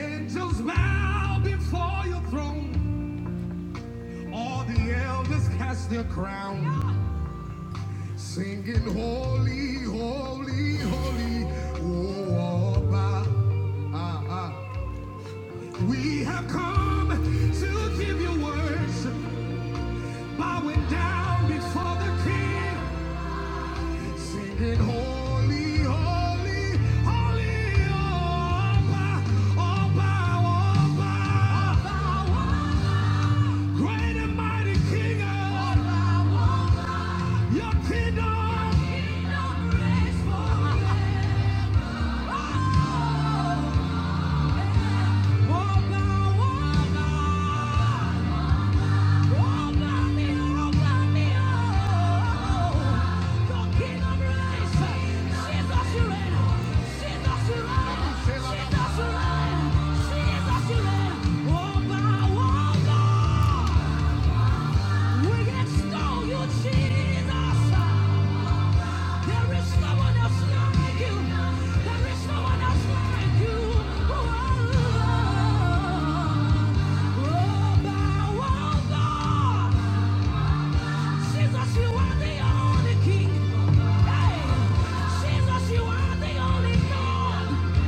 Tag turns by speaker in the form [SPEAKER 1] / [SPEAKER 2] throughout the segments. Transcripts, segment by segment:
[SPEAKER 1] Angels bow before your throne. All the elders cast their crown, yeah. singing holy, holy, holy. Oh, Abba, ah, ah. We have come to give you worship, bowing down before the King, singing holy, holy, holy. Oh, Abba, Abba, Abba. Abba, Abba. Great and mighty King, all I want, I your kingdom, Your kingdom reigns forever. Oh, all power, all power. We extol you, Jesus. There is no one else like you. There is no one else like you. Oh, oh, bow, oh, God. Jesus, you are the only King. Hey, Jesus, you are the only God.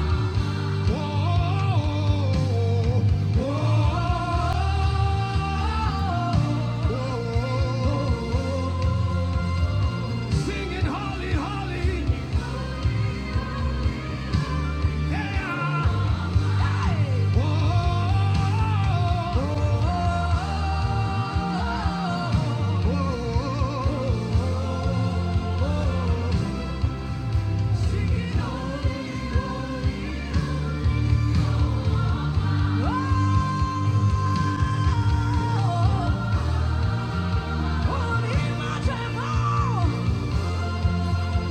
[SPEAKER 1] Oh, Singing holly, holly, yeah. Whoa, singing holly, oh, holy, my Jehovah.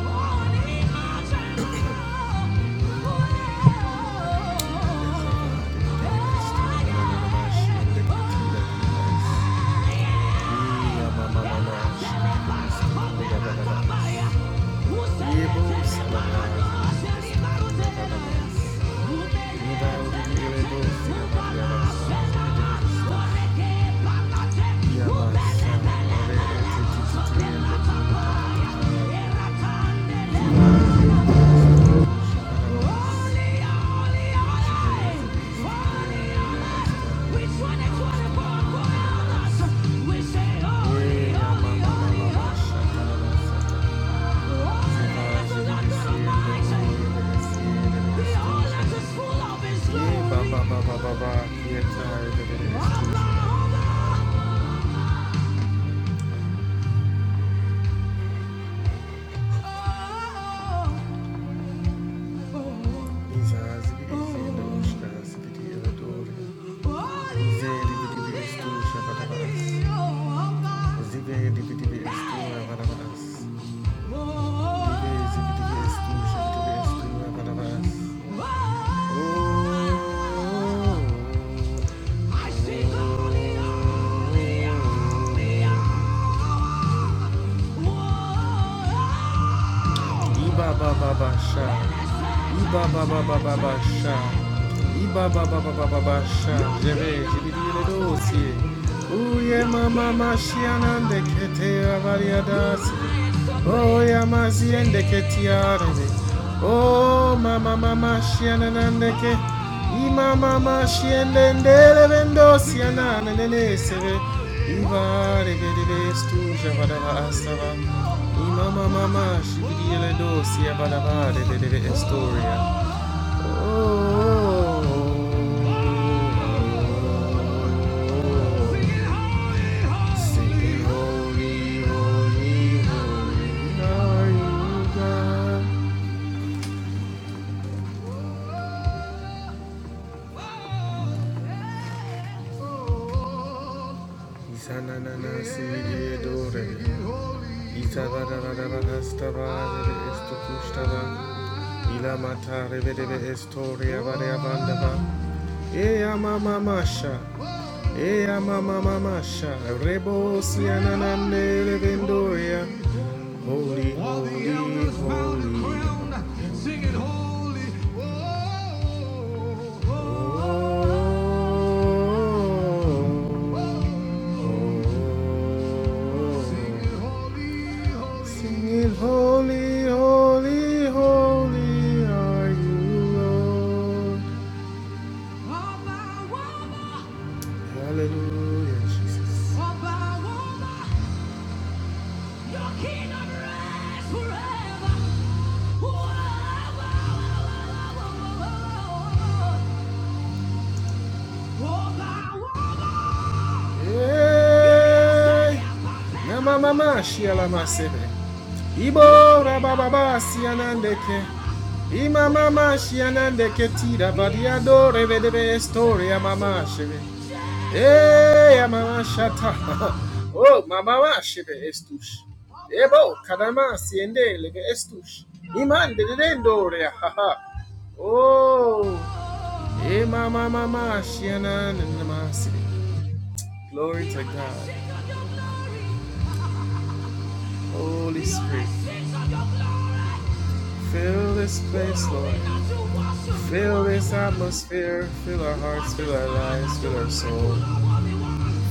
[SPEAKER 1] Yabasa, Mare, Titi, Titi, Titi, Titi, Baba, İzazi bir izleyene uçlarız bir diyor doğru. Zeyli bir dibi üstü şabada varas. Zibeyli bir dibi üstü şabada varas. Zibeyli bir dibi üstü şabada üstü şabada varas. Oo. Iba ba ba ba ba ba sha. Iba ba ba ba ba ba ba sha. Jere jibidile dosi. Uye mama mashianan de kete avariadasi. Oya mazien de ketiarede. Oh mama mama shianan de ke. Ima mama shiende ndele vendosi anane nene seve. Iva rebe de vestu javada astava. Mama, mama, shibidi eledo, siya balaba, de de de de Astoria. Oh, sing holy, holy, holy, are you God? Isa na na na, shibidi eledo, re. Itadadadadada estabare esto custaba. Ilamata revedeve estoria varia vandava. Ea Holy, Sing it holy, Oh, oh, oh, oh, oh. Sing it, holy, holy, holy are you, Lord. Hallelujah, Jesus. Your kingdom reigns forever. Hey! Mama, mama, she ala masebe. Ibo rabababa sianandeke. Ima mama sianandeke tira badiado revedebe storia mama shebe. Hey mama shata. Oh mama wa shebe estush. Ebo kadama siende lege estush. Imande dendoria. Ha ha. Oh. Hey mama mama sianandema sibe. Glory to God. Holy Spirit. Fill this place, Lord. Fill this atmosphere. Fill our hearts, fill our lives, fill our soul.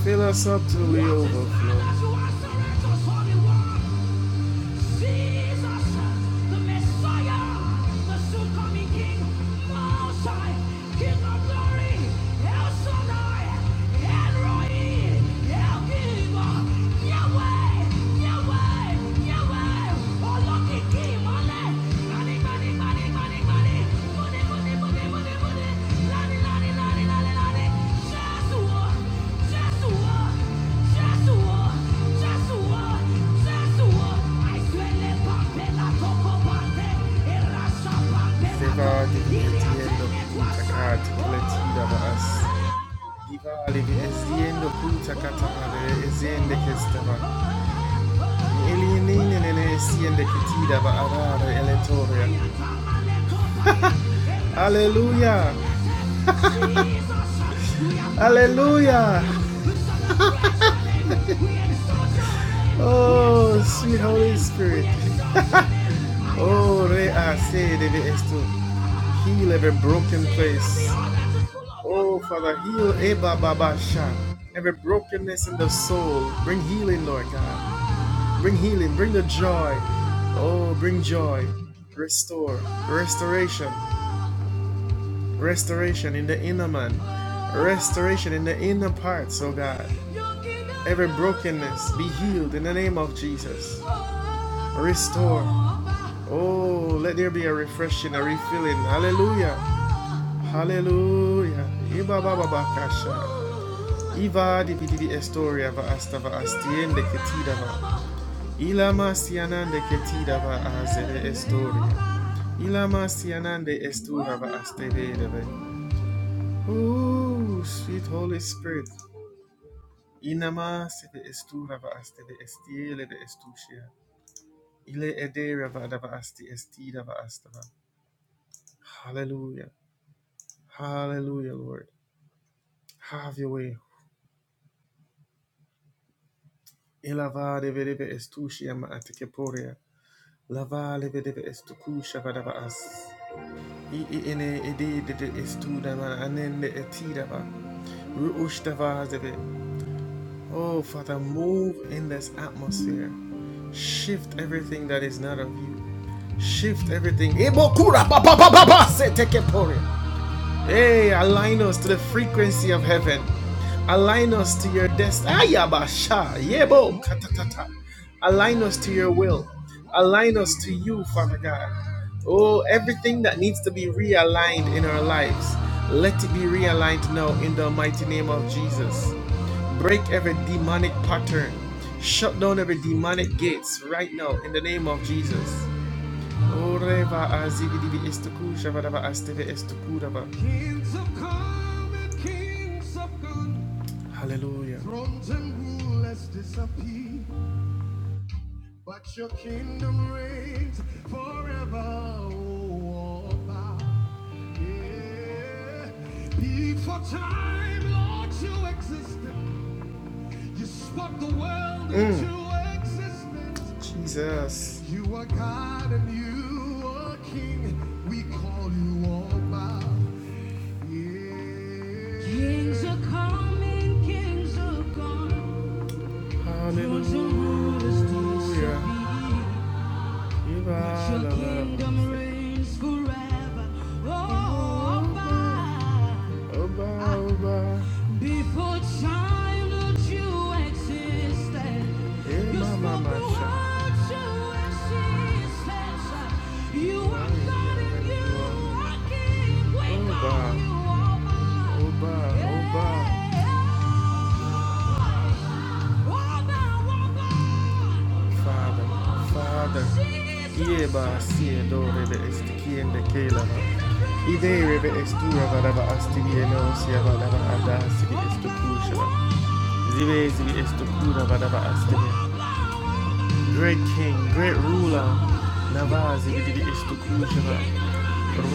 [SPEAKER 1] Fill us up till we overflow. Jesus, the Messiah, the soon King, Most King of glory, El Shaddai, El Roi, El Giver, Yahweh, Yahweh, Yahweh, Oloki Kimale, Mani, Mani, Mani, Mani, Mani. Diva living etiendo putacata cletida vas. Diva living etiendo putacata are esiende che stava. Elienine nene esiende che tida va arare eletoria. Alleluia! Hallelujah. Oh, sweet Holy Spirit. Oh, rease debe esto. Heal every broken place. Oh, Father, heal Eba Every brokenness in the soul. Bring healing, Lord God. Bring healing. Bring the joy. Oh, bring joy. Restore. Restoration. Restoration in the inner man. Restoration in the inner parts, oh God. Every brokenness be healed in the name of Jesus. Restore. Oh, let there be a refreshing, a refilling. Hallelujah. Hallelujah. Iba baba bakasha. Iva di bidi estoria va asta va astiende che ti dava. Ila masianande che ti dava azere estoria. Ila masianande estura va astevedeve. Ooh, sweet Holy Spirit. Inama seve estura va asteve estiele de estusia. Ile edera va dava asti estida va astava. Hallelujah. Hallelujah, Lord. Have your way. Ilava deve deve estushi ama atikeporia. Lava deve deve estukusha vadava as. I i ene ede de estu dama anende eti dava. Ruush dava zeve. Oh, Father, move in this atmosphere. Shift everything that is not of you. Shift everything. Ibokura ba ba ba ba ba se tekeporia. Hey, align us to the frequency of heaven. Align us to your destiny. Ayabasha, yebo, katatata. Align us to your will. Align us to you, Father God. Oh, everything that needs to be realigned in our lives, let it be realigned now in the mighty name of Jesus. Break every demonic pattern. Shut down every demonic gates right now in the name of Jesus. Oreva azigidibi istuku shabadaba asteve istukudaba. Kings have come and kings have gone. Hallelujah. Thrones and rulers disappear. But your kingdom reigns forever. Oh, Abba. yeah. Before time, Lord, you existed. You spoke the world Mm. into existence. Jesus. You are God and you are King. We call you all by. Yeah. Kings are coming, kings are gone. Hallelujah you Your kingdom reigns forever. Oh, Abba. Oba, Oba, Before time that you existed, hey, you spoke the Masha. world to existence. You are God and you are King. We call you Oba, Oba, Oba. Yeah. Abba, Father, Father, Yeba, Siedo, Rebe, Estikiende, Kelava, Ide, Rebe, Estura, Varava, Astivieno, Siava, Lava, Ada, Sivi, Estokusha, Zive, Zivi, Estokura, Varava, Astivia great king, great ruler. Navazi isti istu kujava.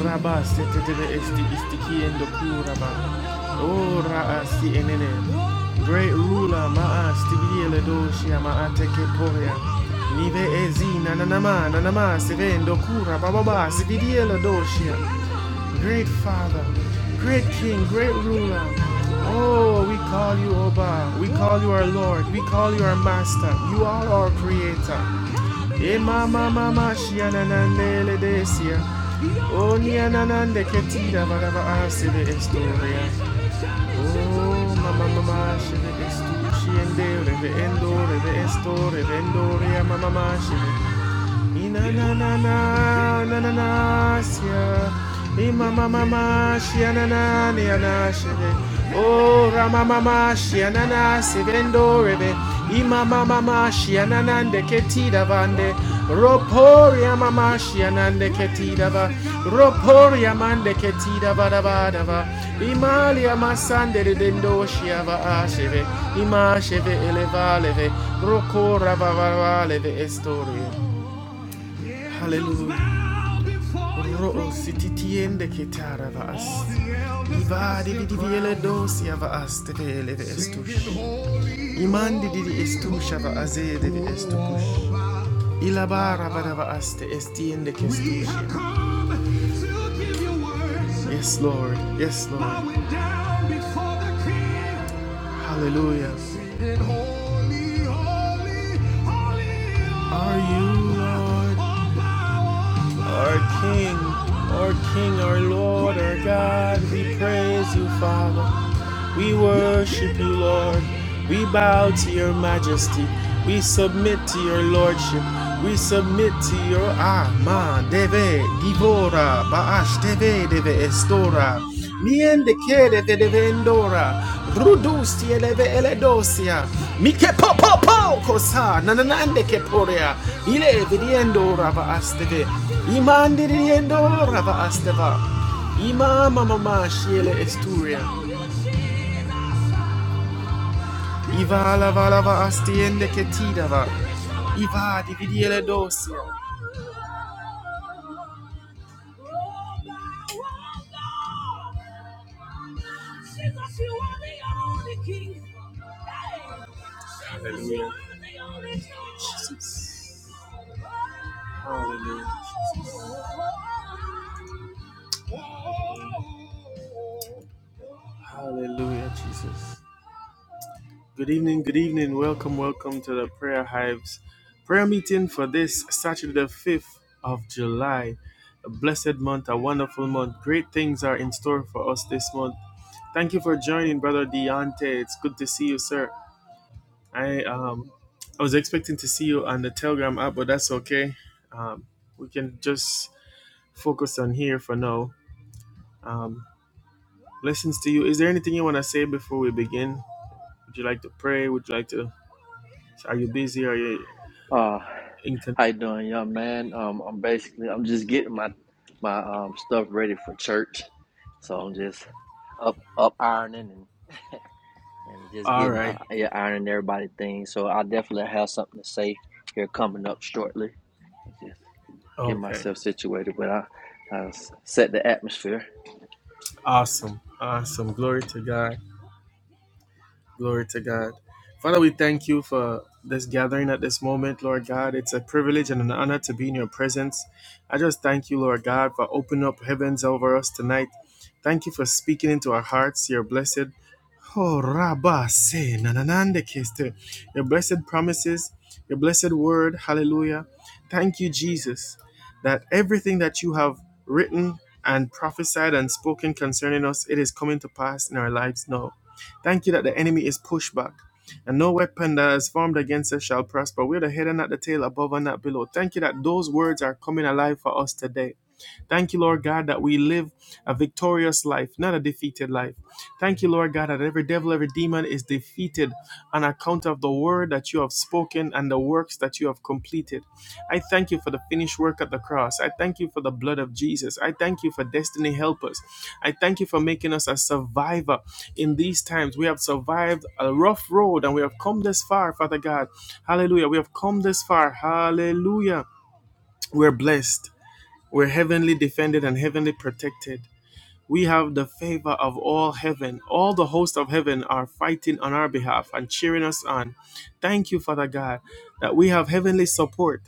[SPEAKER 1] Rabas setetebe isti isti kiendo kuraba. O ra'a si enene. Great ruler ma'a vidiele doshia ma'a teke Nive ezina nanama nanama sevendo kura bababa stibiele doshia great Father, great King, great ruler. Oh, we call you Oba. We call you our Lord. We call you our Master. You are our Creator. Ema mama mashiana desia. Oni anande ketida varava asile estoria. Oh, mama mama shive estu shiende reve endo reve esto reve mama mashive. Inanana imama Inanananananasia. Imamamamashia nananianashebe. Oh, Ramamamashia nanasivendorebe. Imamamamashia nanandeketidavande. Roporia mamashia nandeketidava. Roporia mandeketidavadavadava. Imalia masandere dendoshiava asheve. Imasheve elevaleve. Rokora vavaleve estoria. Hallelujah. Ro'osi titiende che tara va as. I vari di diviele dosi ava as te vele ve estush. I mandi di di estush ava azede ve estukush. I la bara va dava as te estiende che estush. Yes, Lord. Yes, Lord. Hallelujah. holy, holy, holy are you, Lord. Our King, our King, our Lord, our God, we praise you, Father. We worship you, Lord. We bow to your majesty. We submit to your lordship. We submit to your ama deve divora baash deve deve estora. Niende kere de deve endora. Rudus tie eledosia. Mike po po po kosa nananande ke porea. Ile vidiendora baas deve. Imande vidiendora baas deva. Ima mama shiele esturia. Iva lava lava astiende che ti dava. Iva dividi le dosia. Hallelujah. Jesus. Hallelujah. Hallelujah, Jesus. Good evening, good evening. Welcome, welcome to the Prayer Hives prayer meeting for this Saturday, the 5th of July. A blessed month, a wonderful month. Great things are in store for us this month. Thank you for joining, Brother Deontay. It's good to see you, sir. I um I was expecting to see you on the Telegram app, but that's okay. Um, we can just focus on here for now. Um, blessings to you. Is there anything you want to say before we begin? Would you like to pray? Would you like to? Are you busy? Are you?
[SPEAKER 2] Uh,
[SPEAKER 1] Inc-
[SPEAKER 2] how you doing, young man? Um, I'm basically I'm just getting my my um stuff ready for church, so I'm just up up ironing and and just
[SPEAKER 1] All
[SPEAKER 2] getting
[SPEAKER 1] right.
[SPEAKER 2] uh, yeah, ironing everybody things. So I definitely have something to say here coming up shortly. Just get
[SPEAKER 1] Okay.
[SPEAKER 2] myself situated, but I, I s- set the atmosphere.
[SPEAKER 1] Awesome. Awesome. Glory to God. Glory to God. Father, we thank you for this gathering at this moment, Lord God. It's a privilege and an honor to be in your presence. I just thank you, Lord God, for opening up heavens over us tonight. Thank you for speaking into our hearts, your blessed. Oh, Rabba, say, nananande keste. Your blessed promises, your blessed word. Hallelujah. Thank you, Jesus, that everything that you have written and prophesied and spoken concerning us, it is coming to pass in our lives now. Thank you that the enemy is pushed back. And no weapon that is formed against us shall prosper. We're the head and not the tail, above and not below. Thank you that those words are coming alive for us today. Thank you, Lord God, that we live a victorious life, not a defeated life. Thank you, Lord God, that every devil, every demon is defeated on account of the word that you have spoken and the works that you have completed. I thank you for the finished work at the cross. I thank you for the blood of Jesus. I thank you for destiny helpers. I thank you for making us a survivor in these times. We have survived a rough road and we have come this far, Father God. Hallelujah. We have come this far. Hallelujah. We're blessed. We're heavenly defended and heavenly protected. We have the favor of all heaven. All the hosts of heaven are fighting on our behalf and cheering us on. Thank you, Father God, that we have heavenly support.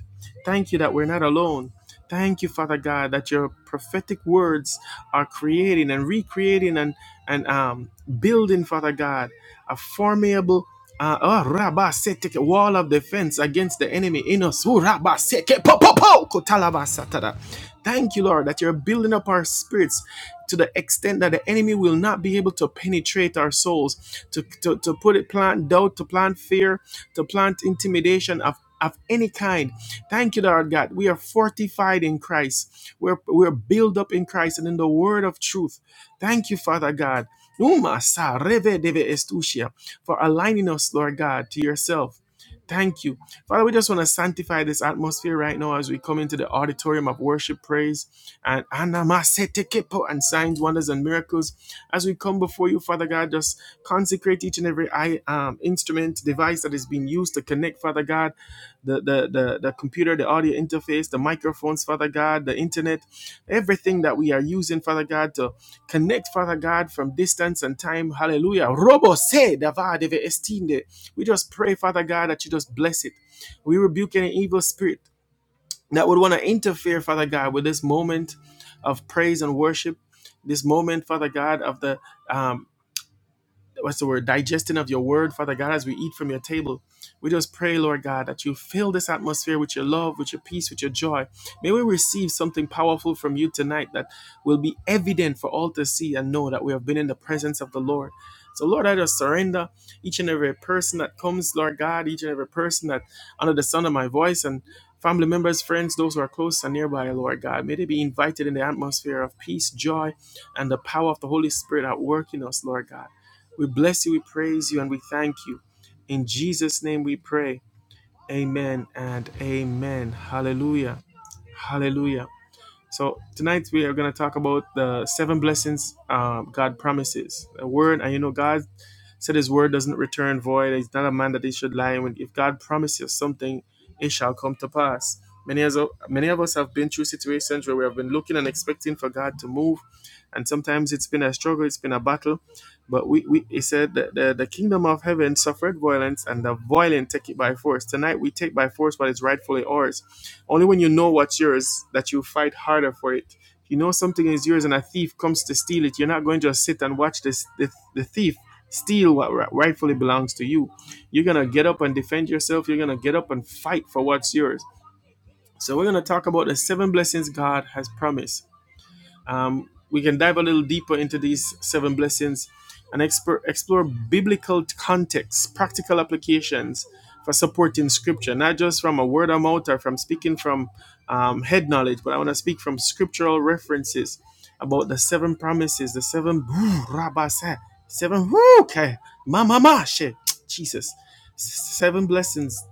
[SPEAKER 1] Thank you that we're not alone. Thank you, Father God, that your prophetic words are creating and recreating and, and um, building, Father God, a formidable uh, oh, Rabba Seteke, wall of defense against the enemy in us. Oh, Rabba Seke, po, po, po. Ho! Kotalabasatara. Thank you, Lord, that you're building up our spirits to the extent that the enemy will not be able to penetrate our souls, to, to, to put it, plant doubt, to plant fear, to plant intimidation of, of any kind. Thank you, Lord God. We are fortified in Christ. We're, we're built up in Christ and in the word of truth. Thank you, Father God. Uma sa reve deve estusia, For aligning us, Lord God, to yourself. Thank you. Father, we just want to sanctify this atmosphere right now as we come into the auditorium of worship, praise, and anamasetekepo and signs, wonders, and miracles. As we come before you, Father God, just consecrate each and every um, instrument, device that is being used to connect, Father God, the, the, the, the computer, the audio interface, the microphones, Father God, the internet, everything that we are using, Father God, to connect, Father God, from distance and time. Hallelujah. Robo se dava deve estinde we just pray, Father God, that you just bless it. We rebuke any evil spirit that would want to interfere, Father God, with this moment of praise and worship, this moment, Father God, of the um, what's the word digesting of your word father god as we eat from your table we just pray lord god that you fill this atmosphere with your love with your peace with your joy may we receive something powerful from you tonight that will be evident for all to see and know that we have been in the presence of the lord so lord i just surrender each and every person that comes lord god each and every person that under the sound of my voice and family members friends those who are close and nearby lord god may they be invited in the atmosphere of peace joy and the power of the holy spirit at work in us lord god we bless you, we praise you, and we thank you. In Jesus' name we pray. Amen and amen. Hallelujah. Hallelujah. So tonight we are going to talk about the seven blessings uh, God promises. A word, and you know, God said His word doesn't return void. He's not a man that He should lie. When if God promises something, it shall come to pass. Many as many of us have been through situations where we have been looking and expecting for God to move, and sometimes it's been a struggle, it's been a battle, but we, we it said that the, the kingdom of heaven suffered violence and the violent take it by force. Tonight we take by force what is rightfully ours. Only when you know what's yours that you fight harder for it. If you know something is yours and a thief comes to steal it, you're not going to just sit and watch this the, the thief steal what ri- rightfully belongs to you. You're gonna get up and defend yourself, you're gonna get up and fight for what's yours. So we're gonna talk about the seven blessings God has promised um, we can dive a little deeper into these seven blessings and explore, explore biblical contexts, practical applications for supporting scripture, not just from a word of mouth or from speaking from um, head knowledge, but I want to speak from scriptural references about the seven promises, the seven rabasa, seven okay, mama she, Jesus, seven blessings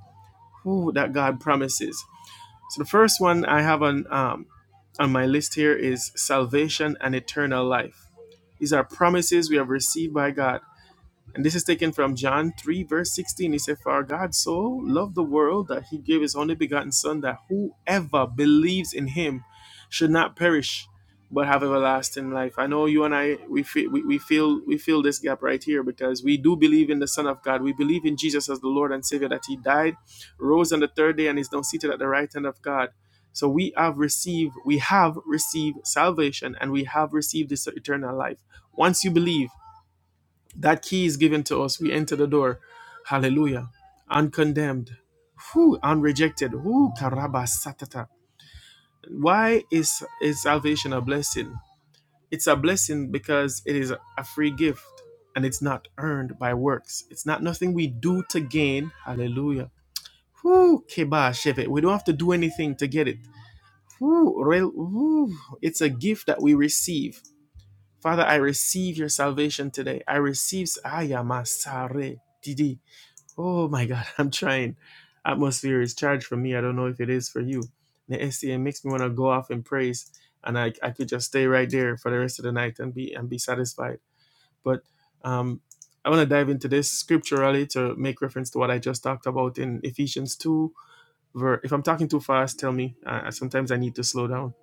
[SPEAKER 1] that God promises. So the first one I have on um, on my list here is salvation and eternal life. These are promises we have received by God and this is taken from John 3, verse 16. He said, For God so loved the world that he gave his only begotten Son, that whoever believes in him should not perish, but have everlasting life. I know you and I, we feel, we, we feel, we feel this gap right here because we do believe in the Son of God. We believe in Jesus as the Lord and Savior, that he died, rose on the third day, and is now seated at the right hand of God. So we have received, we have received salvation, and we have received this eternal life. Once you believe, that key is given to us. We enter the door. Hallelujah. Uncondemned. Whew, unrejected. Whew, karaba Why is, is salvation a blessing? It's a blessing because it is a free gift and it's not earned by works. It's not nothing we do to gain. Hallelujah. Whew, keba sheve. We don't have to do anything to get it. Whew, rel- whew. It's a gift that we receive. Father, I receive your salvation today. I receive. Ayamasare. Oh my God, I'm trying. Atmosphere is charged for me. I don't know if it is for you. The SCA makes me want to go off in praise, and I, I could just stay right there for the rest of the night and be and be satisfied. But um, I want to dive into this scripturally to make reference to what I just talked about in Ephesians two. Ver- if I'm talking too fast, tell me. Uh, sometimes I need to slow down.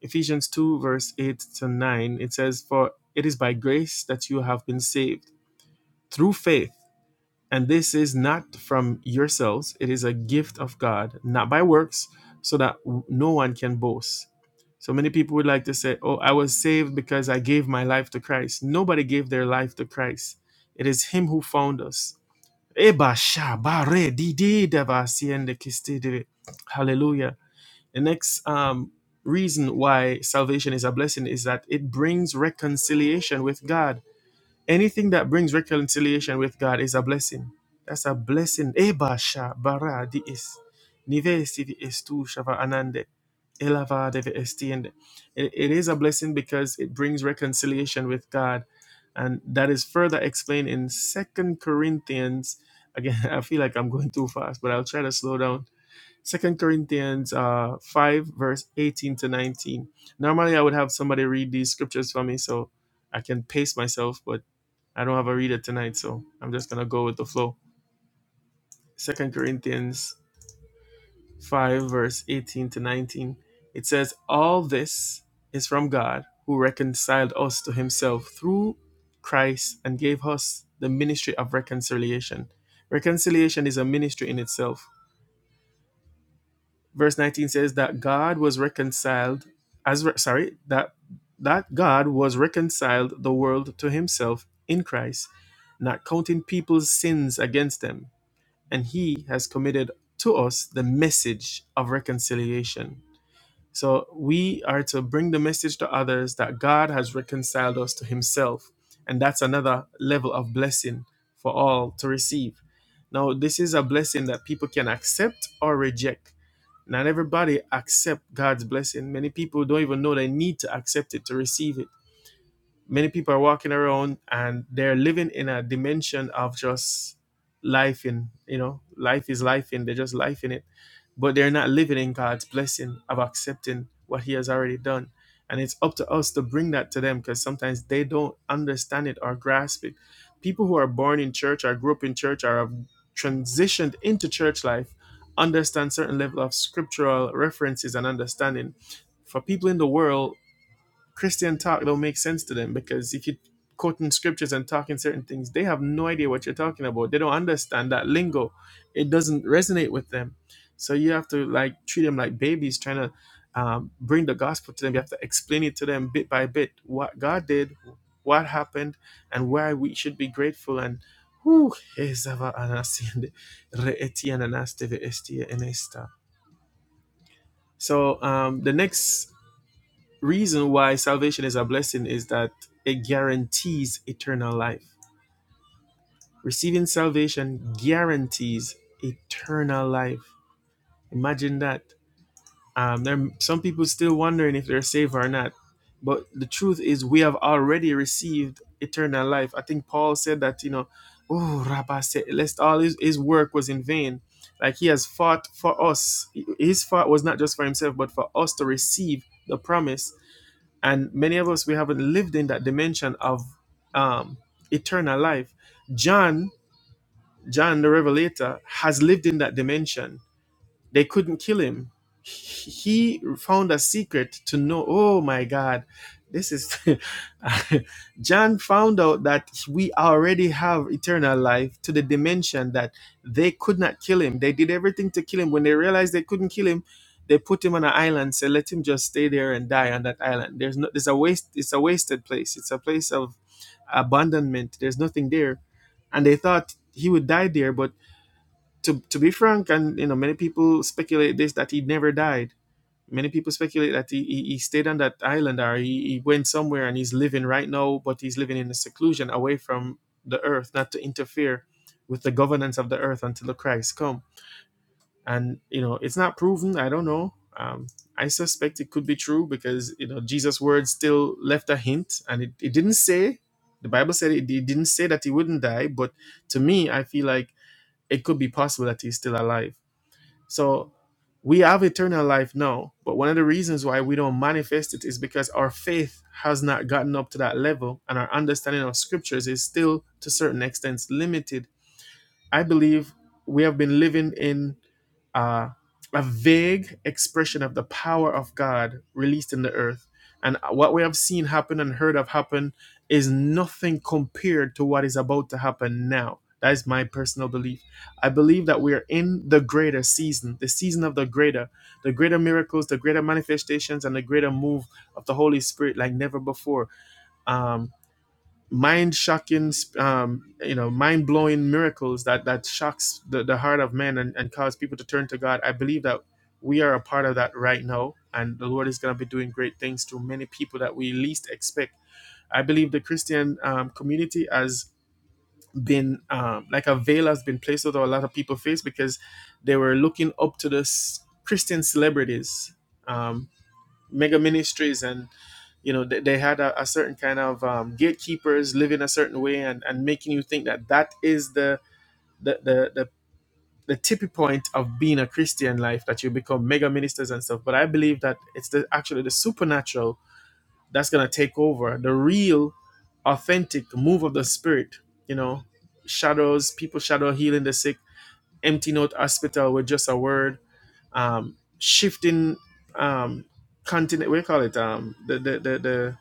[SPEAKER 1] Ephesians two verse eight to nine. It says, "For it is by grace that you have been saved through faith." And this is not from yourselves, it is a gift of God, not by works, so that no one can boast. So many people would like to say, Oh, I was saved because I gave my life to Christ. Nobody gave their life to Christ, it is Him who found us. si Hallelujah. The next um, reason why salvation is a blessing is that it brings reconciliation with God Anything that brings reconciliation with God is a blessing. That's a blessing. Eba sha bara di is. Nive esti di estu shava anande. Elava deve estiende. It it is a blessing because it brings reconciliation with God. And that is further explained in Second Corinthians. Again, I feel like I'm going too fast, but I'll try to slow down. Second Corinthians uh, 5, verse 18 to 19. Normally, I would have somebody read these scriptures for me so I can pace myself, but I don't have a reader tonight, so I'm just going to go with the flow. Second Corinthians 5, verse 18 to 19. It says, All this is from God who reconciled us to himself through Christ and gave us the ministry of reconciliation. Reconciliation is a ministry in itself verse 19 says that god was reconciled as re- sorry that that god was reconciled the world to himself in christ not counting people's sins against them and he has committed to us the message of reconciliation so we are to bring the message to others that god has reconciled us to himself and that's another level of blessing for all to receive now this is a blessing that people can accept or reject not everybody accept God's blessing. Many people don't even know they need to accept it to receive it many people are walking around and they're living in a dimension of just life in you know life is life in they're just life in it but they're not living in god's blessing of accepting what he has already done and it's up to us to bring that to them because sometimes they don't understand it or grasp it people who are born in church or grew up in church or have transitioned into church life understand certain level of scriptural references and understanding for people in the world Christian talk don't make sense to them because if you quoting scriptures and talking certain things, they have no idea what you're talking about. They don't understand that lingo. It doesn't resonate with them. So you have to like treat them like babies, trying to um, bring the gospel to them. You have to explain it to them bit by bit what God did, what happened, and why we should be grateful. And whew, ezava anasinde re etiana nasteve estia enesta. so um, the next reason why salvation is a blessing is that it guarantees eternal life. Receiving salvation guarantees eternal life. Imagine that. Um, there are some people still wondering if they're saved or not, but the truth is we have already received eternal life. I think Paul said that you know, oh Rabbi said, lest all his, his work was in vain. Like he has fought for us. His fight was not just for himself, but for us to receive the promise and many of us we haven't lived in that dimension of um, eternal life john john the revelator has lived in that dimension they couldn't kill him. He found a secret to know. Oh my God, this is. John found out that we already have eternal life to the dimension that they could not kill him. They did everything to kill him. When they realized they couldn't kill him, they put him on an island. Said, "Let him just stay there and die on that island." There's no. There's a waste. It's a wasted place. It's a place of abandonment. There's nothing there, and they thought he would die there, but to to be frank, and you know, many people speculate this that he never died. Many people speculate that he, he, he stayed on that island or he, he went somewhere and he's living right now, but he's living in a seclusion away from the earth, not to interfere with the governance of the earth until the Christ come. And you know, it's not proven. I don't know. Um, I suspect it could be true because you know Jesus' words still left a hint, and it, it didn't say. The Bible said it, it didn't say that he wouldn't die, but to me, I feel like it could be possible that he's still alive so we have eternal life now, but one of the reasons why we don't manifest it is because our faith has not gotten up to that level and our understanding of scriptures is still to certain extents limited. I believe we have been living in uh, a vague expression of the power of God released in the earth. And what we have seen happen and heard of happen is nothing compared to what is about to happen now. That is my personal belief. I believe that we are in the greater season, the season of the greater, the greater miracles, the greater manifestations, and the greater move of the Holy Spirit like never before. Um, mind shocking um, you know mind blowing miracles that that shocks the, the heart of men and, and cause people to turn to god i believe that we are a part of that right now and the lord is going to be doing great things to many people that we least expect i believe the christian um, community has been um, like a veil has been placed over a lot of people's face because they were looking up to the christian celebrities um, mega ministries and you know they, they had a, a certain kind of um, gatekeepers living a certain way and, and making you think that that is the the, the the the tippy point of being a christian life that you become mega ministers and stuff but i believe that it's the actually the supernatural that's going to take over the real authentic move of the spirit you know shadows people shadow healing the sick emptying out hospital with just a word um shifting um continent what do you call it um the the the, the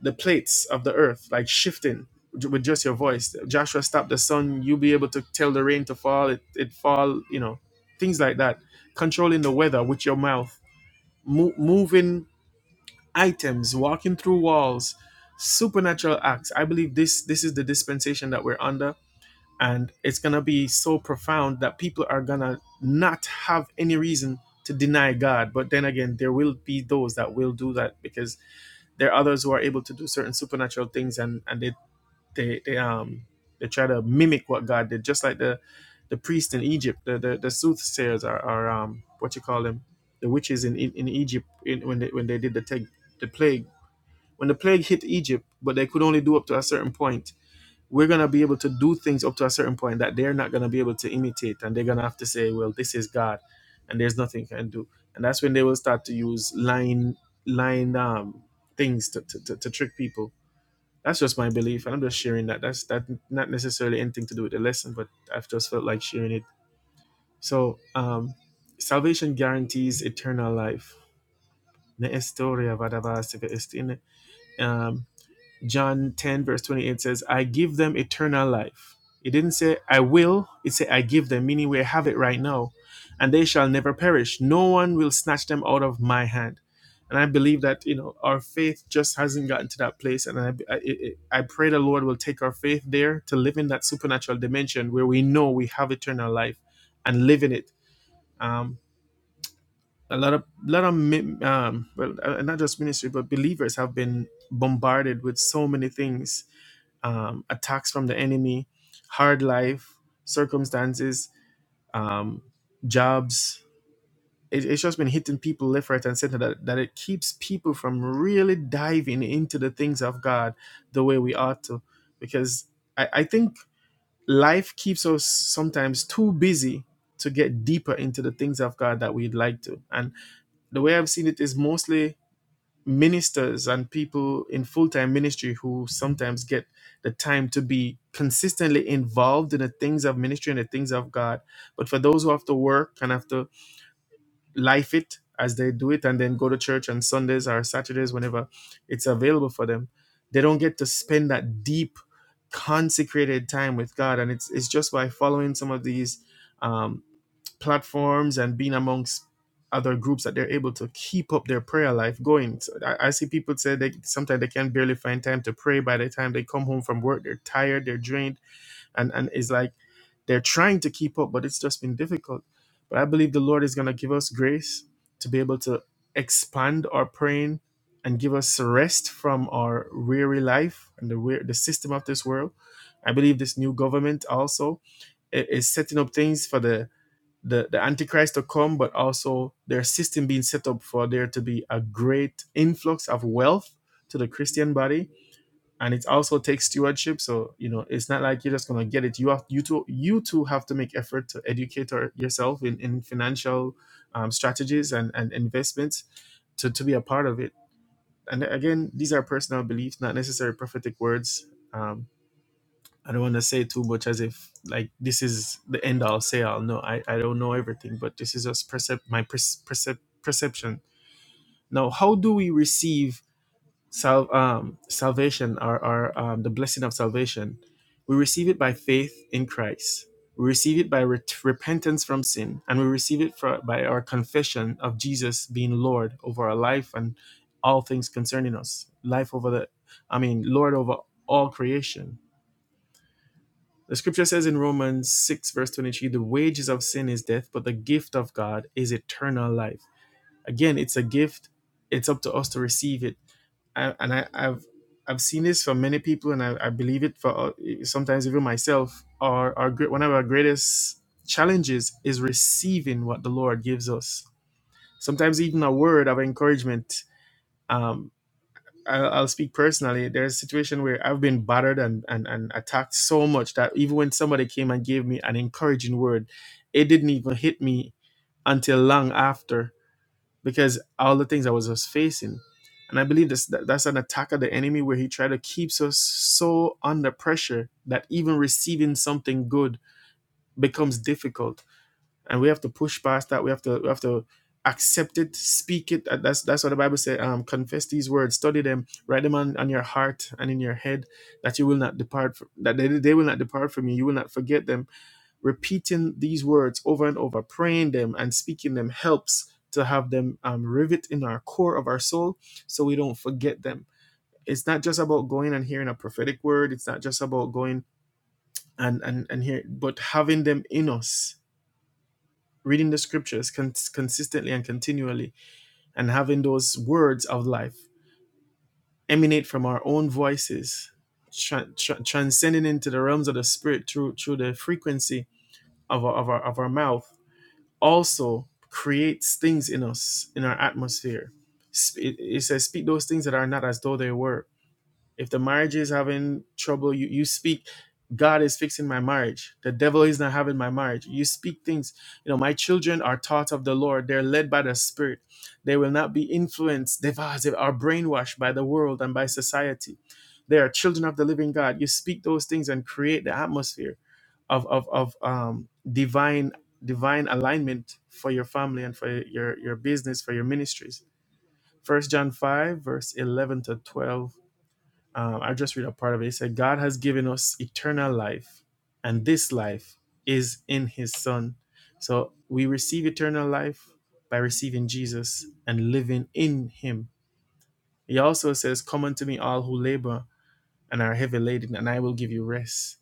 [SPEAKER 1] the plates of the earth like shifting with just your voice joshua stopped the sun you'll be able to tell the rain to fall it, it fall you know things like that controlling the weather with your mouth mo- moving items walking through walls supernatural acts i believe this this is the dispensation that we're under and it's gonna be so profound that people are gonna not have any reason to deny god but then again there will be those that will do that because there are others who are able to do certain supernatural things, and and they they they um they try to mimic what God did, just like the the priest in Egypt, the the, the soothsayers are, are um what you call them, the witches in in, in Egypt in, when they when they did the teg, the plague. When the plague hit Egypt, but they could only do up to a certain point, we're going to be able to do things up to a certain point that they're not going to be able to imitate and they're going to have to say well this is god and there's nothing you can do and that's when they will start to use line line um things to, to, to, to trick people that's just my belief and i'm just sharing that that's that not necessarily anything to do with the lesson but i've just felt like sharing it so um salvation guarantees eternal life Ne estoria vadavas eve estine. Um, John 10, verse 28 says, I give them eternal life. It didn't say, I will. It said, I give them, meaning we have it right now. And they shall never perish. No one will snatch them out of my hand. And I believe that, you know, our faith just hasn't gotten to that place. And I, I, I I pray the Lord will take our faith there to live in that supernatural dimension where we know we have eternal life and live in it. Um, a lot of, lot of, mi- um, well, uh, not just ministry, but believers have been bombarded with so many things um, attacks from the enemy, hard life, circumstances, um, jobs. It, it's just been hitting people left, right, and center that, that it keeps people from really diving into the things of God the way we ought to. Because I, I think life keeps us sometimes too busy to get deeper into the things of God that we'd like to. And the way I've seen it is mostly ministers and people in full-time ministry who sometimes get the time to be consistently involved in the things of ministry and the things of God. But for those who have to work and have to life it as they do it and then go to church on Sundays or Saturdays whenever it's available for them, they don't get to spend that deep consecrated time with God. And it's it's just by following some of these um, platforms and being amongst other groups that they're able to keep up their prayer life going. So I, I see people say they sometimes they can barely find time to pray. By the time they come home from work, they're tired, they're drained, and and it's like they're trying to keep up, but it's just been difficult. But I believe the Lord is going to give us grace to be able to expand our praying and give us rest from our weary life and the wear the system of this world. I believe this new government also i- is setting up things for the the, the antichrist to come but also their system being set up for there to be a great influx of wealth to the christian body and it also takes stewardship so you know it's not like you're just going to get it you have you too you too have to make effort to educate yourself in, in financial um, strategies and, and investments to, to be a part of it and again these are personal beliefs not necessarily prophetic words Um, I don't want to say too much as if like this is the end all say all. No, I, I don't know everything, but this is just percep- my perce- percep- perception. Now, how do we receive sal- um, salvation or, or um, the blessing of salvation? We receive it by faith in Christ. We receive it by ret- repentance from sin, and we receive it for by our confession of Jesus being Lord over our life and all things concerning us. Life over the, I mean, Lord over all creation the scripture says in Romans 6, verse 23, the wages of sin is death, but the gift of God is eternal life. Again, it's a gift. It's up to us to receive it. I, and I, I've I've seen this for many people, and I, I believe it for uh, sometimes even myself. Our, our one of our greatest challenges is receiving what the Lord gives us. Sometimes even a word of encouragement. um, I'll, I'll speak personally. There's a situation where I've been battered and, and, and attacked so much that even when somebody came and gave me an encouraging word, it didn't even hit me until long after because all the things I was, was facing. And I believe this, that, that's an attack of the enemy where he tried to keep us so under pressure that even receiving something good becomes difficult and we have to push past that. We have to we have to accept it, speak it. Uh, That's that's what the Bible said. Um, confess these words, study them, write them on, on your heart and in your head, that you will not depart from, that they, they will not depart from you. You will not forget them. Repeating these words over and over, praying them and speaking them helps to have them um, rivet in our core of our soul, so we don't forget them. It's not just about going and hearing a prophetic word. It's not just about going and and and hear, but having them in us reading the scriptures cons- consistently and continually, and having those words of life emanate from our own voices, tra- tra- transcending into the realms of the spirit through through the frequency of our, of our of our mouth, also creates things in us in our atmosphere. Sp- It it says, "Speak those things that are not as though they were." If the marriage is having trouble, you, you speak, God is fixing my marriage. The devil is not having my marriage. You speak things. You know, my children are taught of the Lord. They're led by the Spirit. They will not be influenced, devised, or brainwashed by the world and by society. They are children of the living God. You speak those things and create the atmosphere of, of, of um, divine divine alignment for your family and for your, your business, for your ministries. First John 5, verse 11 to 12 um, I just read a part of it. It said, God has given us eternal life, and this life is in his Son. So we receive eternal life by receiving Jesus and living in him. He also says, Come unto me, all who labor and are heavy laden, and I will give you rest.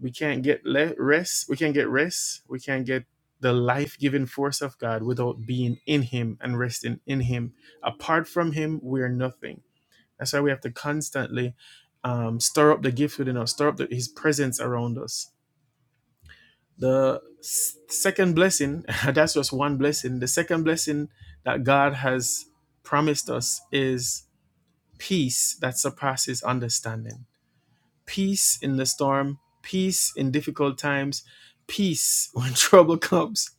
[SPEAKER 1] We can't get le- rest. We can't get rest. We can't get the life giving force of God without being in Him and resting in Him. Apart from Him, we're nothing. That's why we have to constantly um, stir up the gift within us, stir up the, His presence around us. The s- second blessing, that's just one blessing. The second blessing that God has promised us is peace that surpasses understanding. Peace in the storm, peace in difficult times, peace when trouble comes.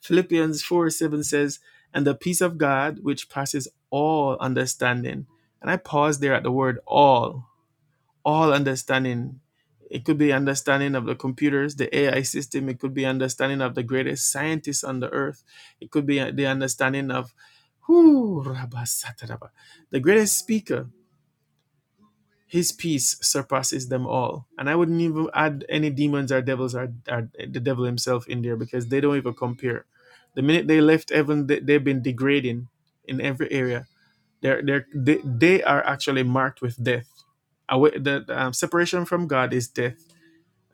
[SPEAKER 1] Philippians 4 7 says, And the peace of God, which passes all understanding. And I pause there at the word all all understanding. It could be understanding of the computers, the AI system. It could be understanding of the greatest scientists on the earth. It could be the understanding of whoo, Rabba Sataraba, the greatest speaker. His peace surpasses them all. And I wouldn't even add any demons or devils or, or the devil himself in there because they don't even compare. The minute they left heaven, they, they've been degrading in every area they're, they're, they they are actually marked with death. Away, the um, separation from God is death,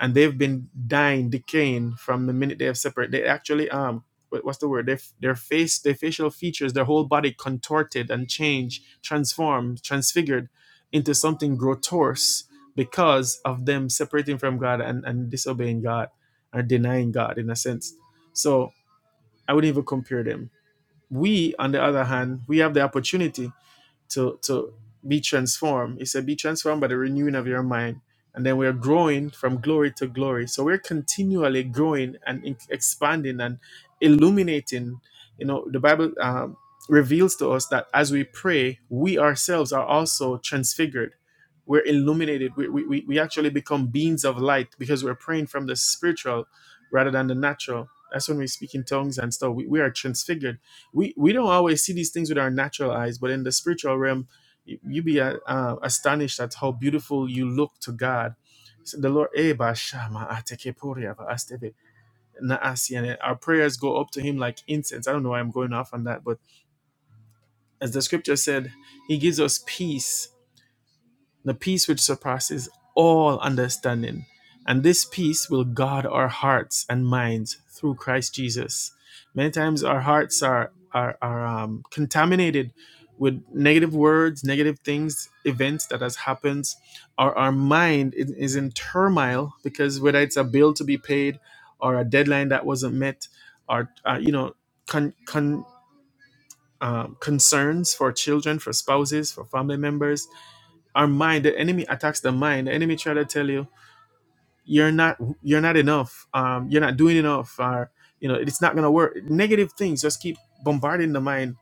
[SPEAKER 1] and they've been dying, decaying from the minute they have separated. They actually um, what- what's the word? Their their face, their facial features, their whole body contorted and changed, transformed, transfigured into something grotesque because of them separating from God and, and disobeying God or denying God in a sense. So I wouldn't even compare them. We, on the other hand, we have the opportunity to to be transformed. He said, "Be transformed by the renewing of your mind." And then we're growing from glory to glory. So we're continually growing and in- expanding and illuminating. You know, the Bible um, reveals to us that as we pray, we ourselves are also transfigured. We're illuminated. We, we, we we actually become beings of light because we're praying from the spiritual rather than the natural. That's when we speak in tongues and stuff. We, we are transfigured we we don't always see these things with our natural eyes, but in the spiritual realm, you, you be uh, uh, astonished at how beautiful you look to God. So the Lord, "Eh, ba shama ateke poria ba astebe na asi," and eh." our prayers go up to Him like incense. I don't know why I'm going off on that, but as the Scripture said, He gives us peace the peace which surpasses all understanding. And this peace will guard our hearts and minds through Christ Jesus. Many times our hearts are, are, are um, contaminated with negative words, negative things, events that has happened. Our, our mind is is in turmoil because whether it's a bill to be paid or a deadline that wasn't met or, uh, you know, con, con, um, concerns for children, for spouses, for family members, our mind the enemy attacks the mind the enemy try to tell you you're not you're not enough um you're not doing enough or you know it's not gonna work negative things just keep bombarding the mind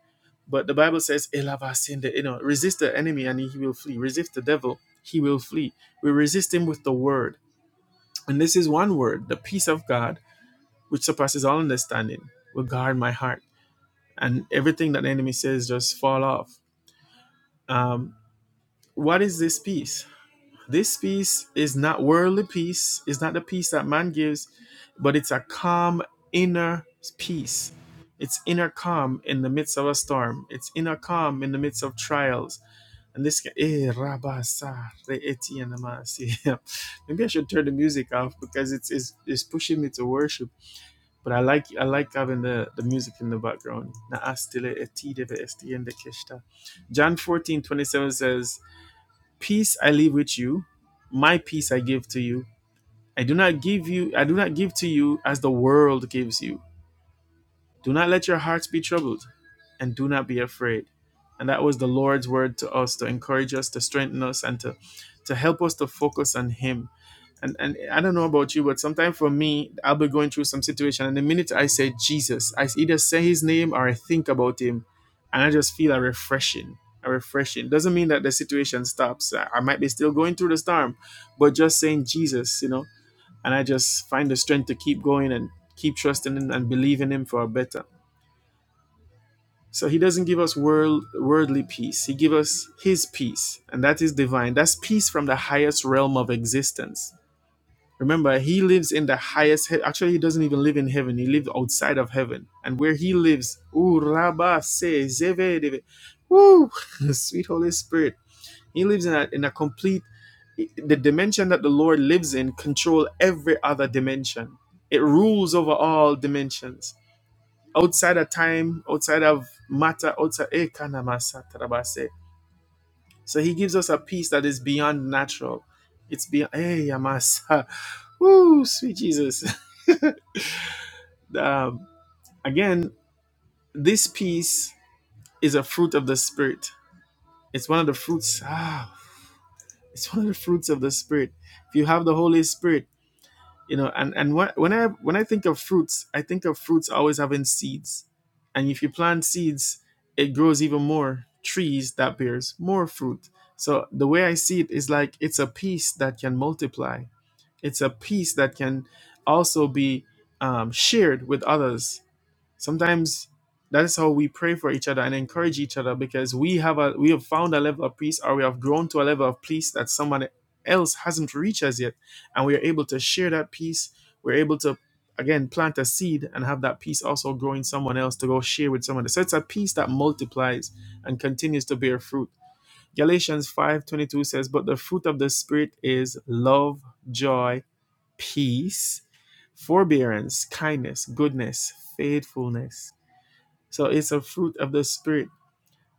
[SPEAKER 1] but the bible says "Elavasinde," you know resist the enemy and he will flee resist the devil he will flee we resist him with the word and this is one word the peace of god which surpasses all understanding will guard my heart and everything that the enemy says just fall off um what is this peace This peace is not worldly peace, it's not the peace that man gives, but it's a calm inner peace. It's inner calm in the midst of a storm. It's inner calm in the midst of trials. And this can, eh, rabasa, re eti anamasi. maybe I should turn the music off because it's, it's it's pushing me to worship. But I like I like having the, the music in the background. Na astile eti deve esti ende keshta. John fourteen twenty seven says. Peace I leave with you, my peace I give to you. I do not give you I do not give to you as the world gives you. Do not let your hearts be troubled, and do not be afraid. And that was the Lord's word to us to encourage us, to strengthen us, and to, to help us to focus on Him. And, and I don't know about you, but sometimes for me, I'll be going through some situation, and the minute I say Jesus, I either say His name or I think about Him, and I just feel a refreshing. A refreshing doesn't mean that the situation stops. I might be still going through the storm, but just saying Jesus, you know, and I just find the strength to keep going and keep trusting Him and believing Him for a better. So he doesn't give us world, worldly peace. He gives us his peace, and that is divine. That's peace from the highest realm of existence. Remember, he lives in the highest. He- Actually, he doesn't even live in heaven. He lives outside of heaven, and where he lives, ooh, Rabba se zeve deve, woo, sweet Holy Spirit. He lives in a in a complete. The dimension that the Lord lives in control every other dimension. It rules over all dimensions outside of time, outside of matter, outside. eh, kanamasa masa tarabase. So he gives us a peace that is beyond natural. It's beyond. eh Yamasa. Woo, sweet Jesus. um, again, this peace is a fruit of the Spirit. It's one of the fruits. Ah, it's one of the fruits of the Spirit. If you have the Holy Spirit, you know and and when, when i when i think of fruits i think of fruits always having seeds and if you plant seeds it grows even more trees that bears more fruit so the way i see it is like it's a piece that can multiply it's a piece that can also be um, shared with others Sometimes that is how we pray for each other and encourage each other because we have a we have found a level of peace or we have grown to a level of peace that someone else hasn't reached as yet. And we are able to share that peace. We're able to again plant a seed and have that peace also grow in someone else to go share with someone else. So it's a peace that multiplies and continues to bear fruit. Galatians 5:22 says, "But the fruit of the spirit is love, joy, peace, forbearance, kindness, goodness, faithfulness, so it's a fruit of the spirit.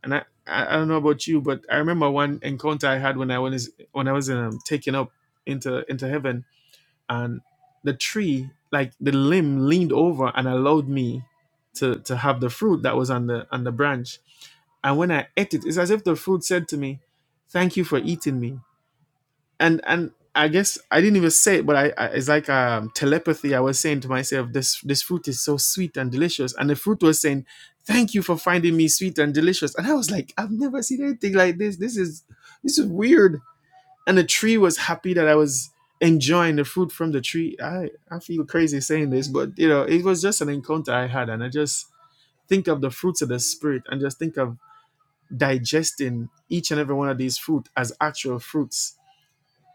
[SPEAKER 1] And I, I I don't know about you, but I remember one encounter I had when I was when I was um, taken up into into heaven, and the tree, like the limb, leaned over and allowed me to to have the fruit that was on the on the branch. And when I ate it, it's as if the fruit said to me, "Thank you for eating me." and and I guess I didn't even say it, but I, I it's like um, telepathy. I was saying to myself, this this fruit is so sweet and delicious, and the fruit was saying, "Thank you for finding me sweet and delicious." And I was like, I've never seen anything like this. This is this is weird. And the tree was happy that I was enjoying the fruit from the tree. I I feel crazy saying this, but you know, it was just an encounter I had, and I just think of the fruits of the spirit and just think of digesting each and every one of these fruit as actual fruits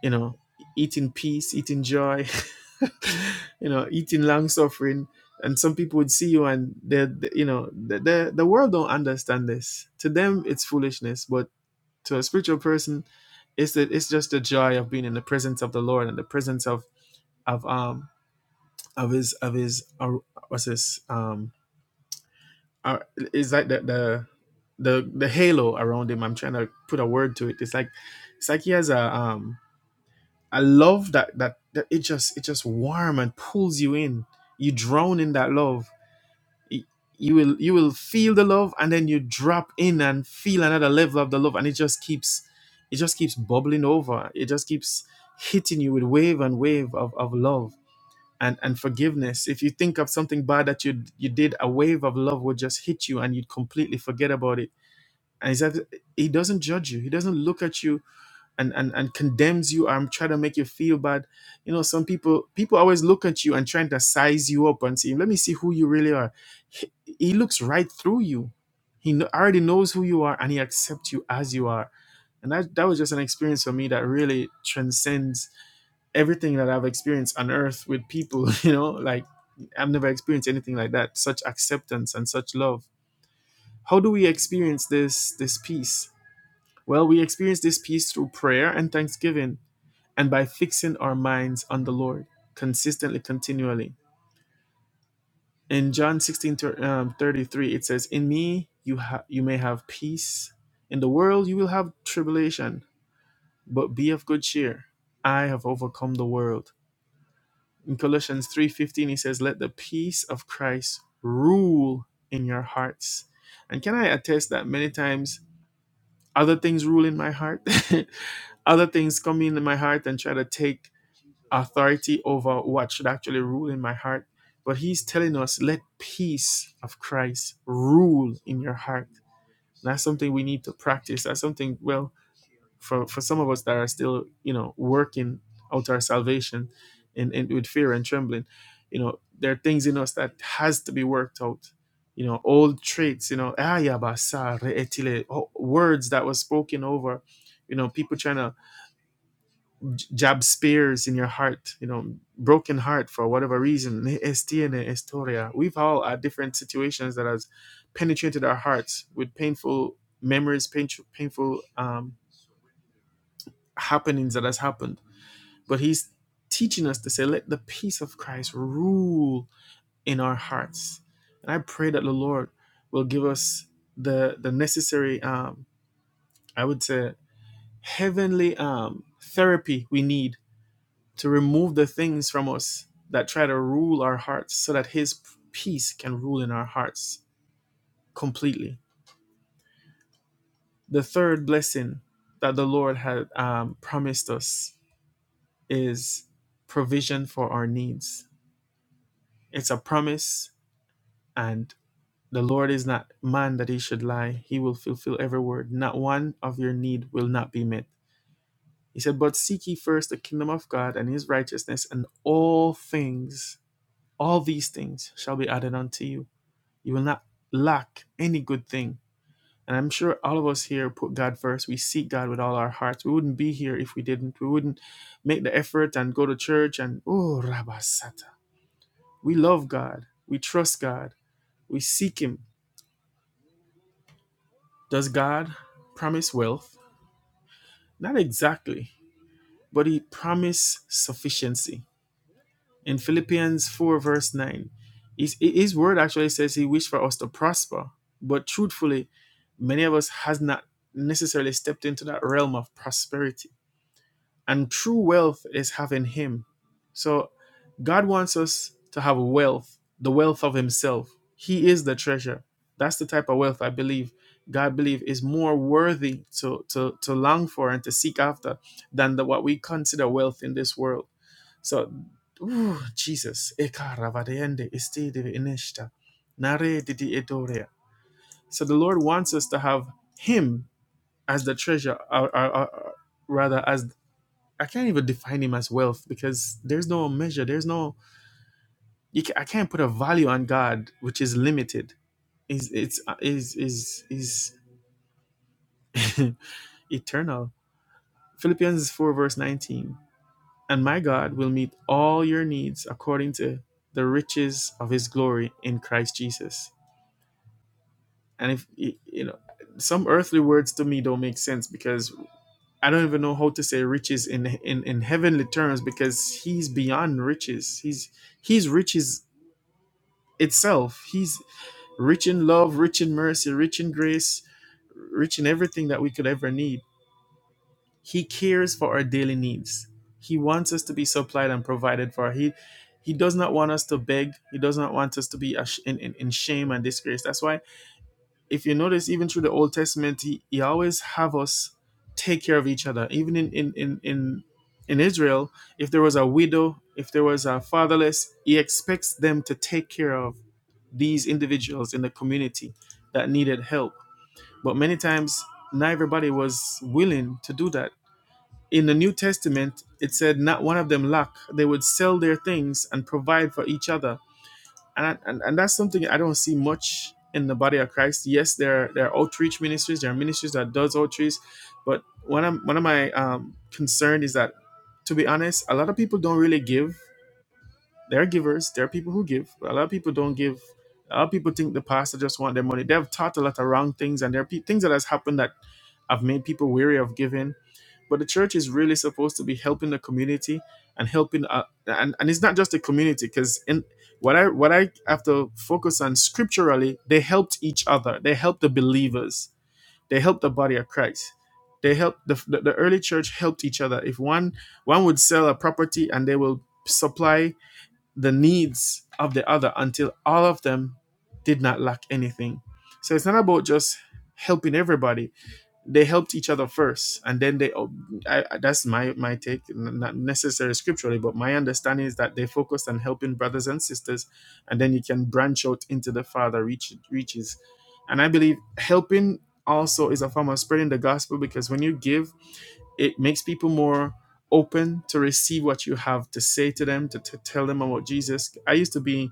[SPEAKER 1] you know, eat in peace, eat in joy, you know, eat in long suffering. And some people would see you and they they- you know, the, the the world don't understand this. To them it's foolishness, but to a spiritual person, it's the, it's just the joy of being in the presence of the Lord and the presence of of um of his of his uh, what's this um uh, is like the, the the the halo around him. I'm trying to put a word to it. It's like it's like he has a um I love that that that it just it just warm and pulls you in. You drown in that love. Y- You will you will feel the love and then you drop in and feel another level of the love and it just keeps it just keeps bubbling over. It just keeps hitting you with wave and wave of, of love and, and forgiveness. If you think of something bad that you you did, a wave of love would just hit you and you'd completely forget about it. And he said he doesn't judge you. He doesn't look at you and and and condemns you and try to make you feel bad you know some people people always look at you and trying to size you up and see let me see who you really are he, he looks right through you he kn- already knows who you are and he accepts you as you are and that, that was just an experience for me that really transcends everything that i've experienced on earth with people you know like i've never experienced anything like that such acceptance and such love how do we experience this this peace well we experience this peace through prayer and thanksgiving and by fixing our minds on the Lord consistently, continually. In John 16:33 it says, In me you, ha- you may have peace. In the world you will have tribulation, but be of good cheer. I have overcome the world. In Colossians 3:15 he says let the peace of Christ rule in your hearts. And can I attest that many times other things rule in my heart? other things come in my heart and try to take authority over what should actually rule in my heart. But he's telling us, let peace of Christ rule in your heart. And that's something we need to practice. That's something, well, for, for some of us that are still, you know, working out our salvation and, and with fear and trembling, you know, there are things in us that has to be worked out. You know, old traits, you know, ah, "Ayabasa, re'etile," oh, words that were spoken over, you know, people trying to jab spears in your heart, you know, broken heart for whatever reason. Es historia. We've all had different situations that has penetrated our hearts with painful memories, painful, painful um, happenings that has happened. But he's teaching us to say, let the peace of Christ rule in our hearts. And I pray that the Lord will give us the the necessary, um, I would say, heavenly um, therapy we need to remove the things from us that try to rule our hearts so that his peace can rule in our hearts completely the third blessing that the lord had um, promised us is provision for our needs it's a promise and the lord is not man that he should lie he will fulfill every word not one of your need will not be met he said but seek ye first the kingdom of god and his righteousness and all things all these things shall be added unto you You will not lack any good thing. And I'm sure all of us here put God first. We seek God with all our hearts. We wouldn't be here if we didn't. We wouldn't make the effort and go to church and, oh, Rabasata. We love God. We trust God. We seek Him. Does God promise wealth? Not exactly, but He promised sufficiency. in Philippians 4, verse 9. His, his word actually says he wished for us to prosper, but truthfully, many of us has not necessarily stepped into that realm of prosperity. And true wealth is having him. So God wants us to have wealth, the wealth of himself. He is the treasure. That's the type of wealth I believe God believe is more worthy to, to, to long for and to seek after than the, what we consider wealth in this world so, ooh, Jesus, Eka isti divi ineshta, nare didi edorea. So the Lord wants us to have Him as the treasure, or, or, or rather, as I can't even define Him as wealth because there's no measure, there's no, you ca I can't put a value on God which is limited. Is it's uh, is is is eternal. Philippians four verse nineteen. And my God will meet all your needs according to the riches of his glory in Christ Jesus. And if, you know, some earthly words to me don't make sense because I don't even know how to say riches in, in, in heavenly terms because he's beyond riches. He's, he's riches itself. He's rich in love, rich in mercy, rich in grace, rich in everything that we could ever need He cares for our daily needs. He wants us to be supplied and provided for. He he does not want us to beg. He does not want us to be in, in, in shame and disgrace. That's why, if you notice, even through the Old Testament, he, he always have us take care of each other. Even in in, in in in Israel, if there was a widow, if there was a fatherless, he expects them to take care of these individuals in the community that needed help. But many times, not everybody was willing to do that in the New Testament, it said, not one of them lack. They would sell their things and provide for each other. And, and, and that's something I don't see much in the body of Christ. Yes, there, there are outreach ministries, there are ministries that does outreach. But one of, one of my um, concern is that, to be honest, a lot of people don't really give there are givers. There are people who give. A lot of people don't give. A lot of people think the pastor just want their money. They've taught a lot of wrong things, and there are pe- things that has happened that have made people weary of giving. But the church is really supposed to be helping the community and helping, uh, and and it's not just the community because in what I what I have to focus on scripturally, they helped each other. They helped the believers. They helped the body of Christ. They helped the, the the early church helped each other. If one one would sell a property and they will supply the needs of the other until all of them did not lack anything. So it's not about just helping everybody. They helped each other first, and then they. oh, I, that's my my take, not necessarily scripturally, but my understanding is that they focused on helping brothers and sisters, and then you can branch out into the Father reach, reaches. And I believe helping also is a form of spreading the gospel because when you give it makes people more open to receive what you have to say to them to, to tell them about jesus i used to be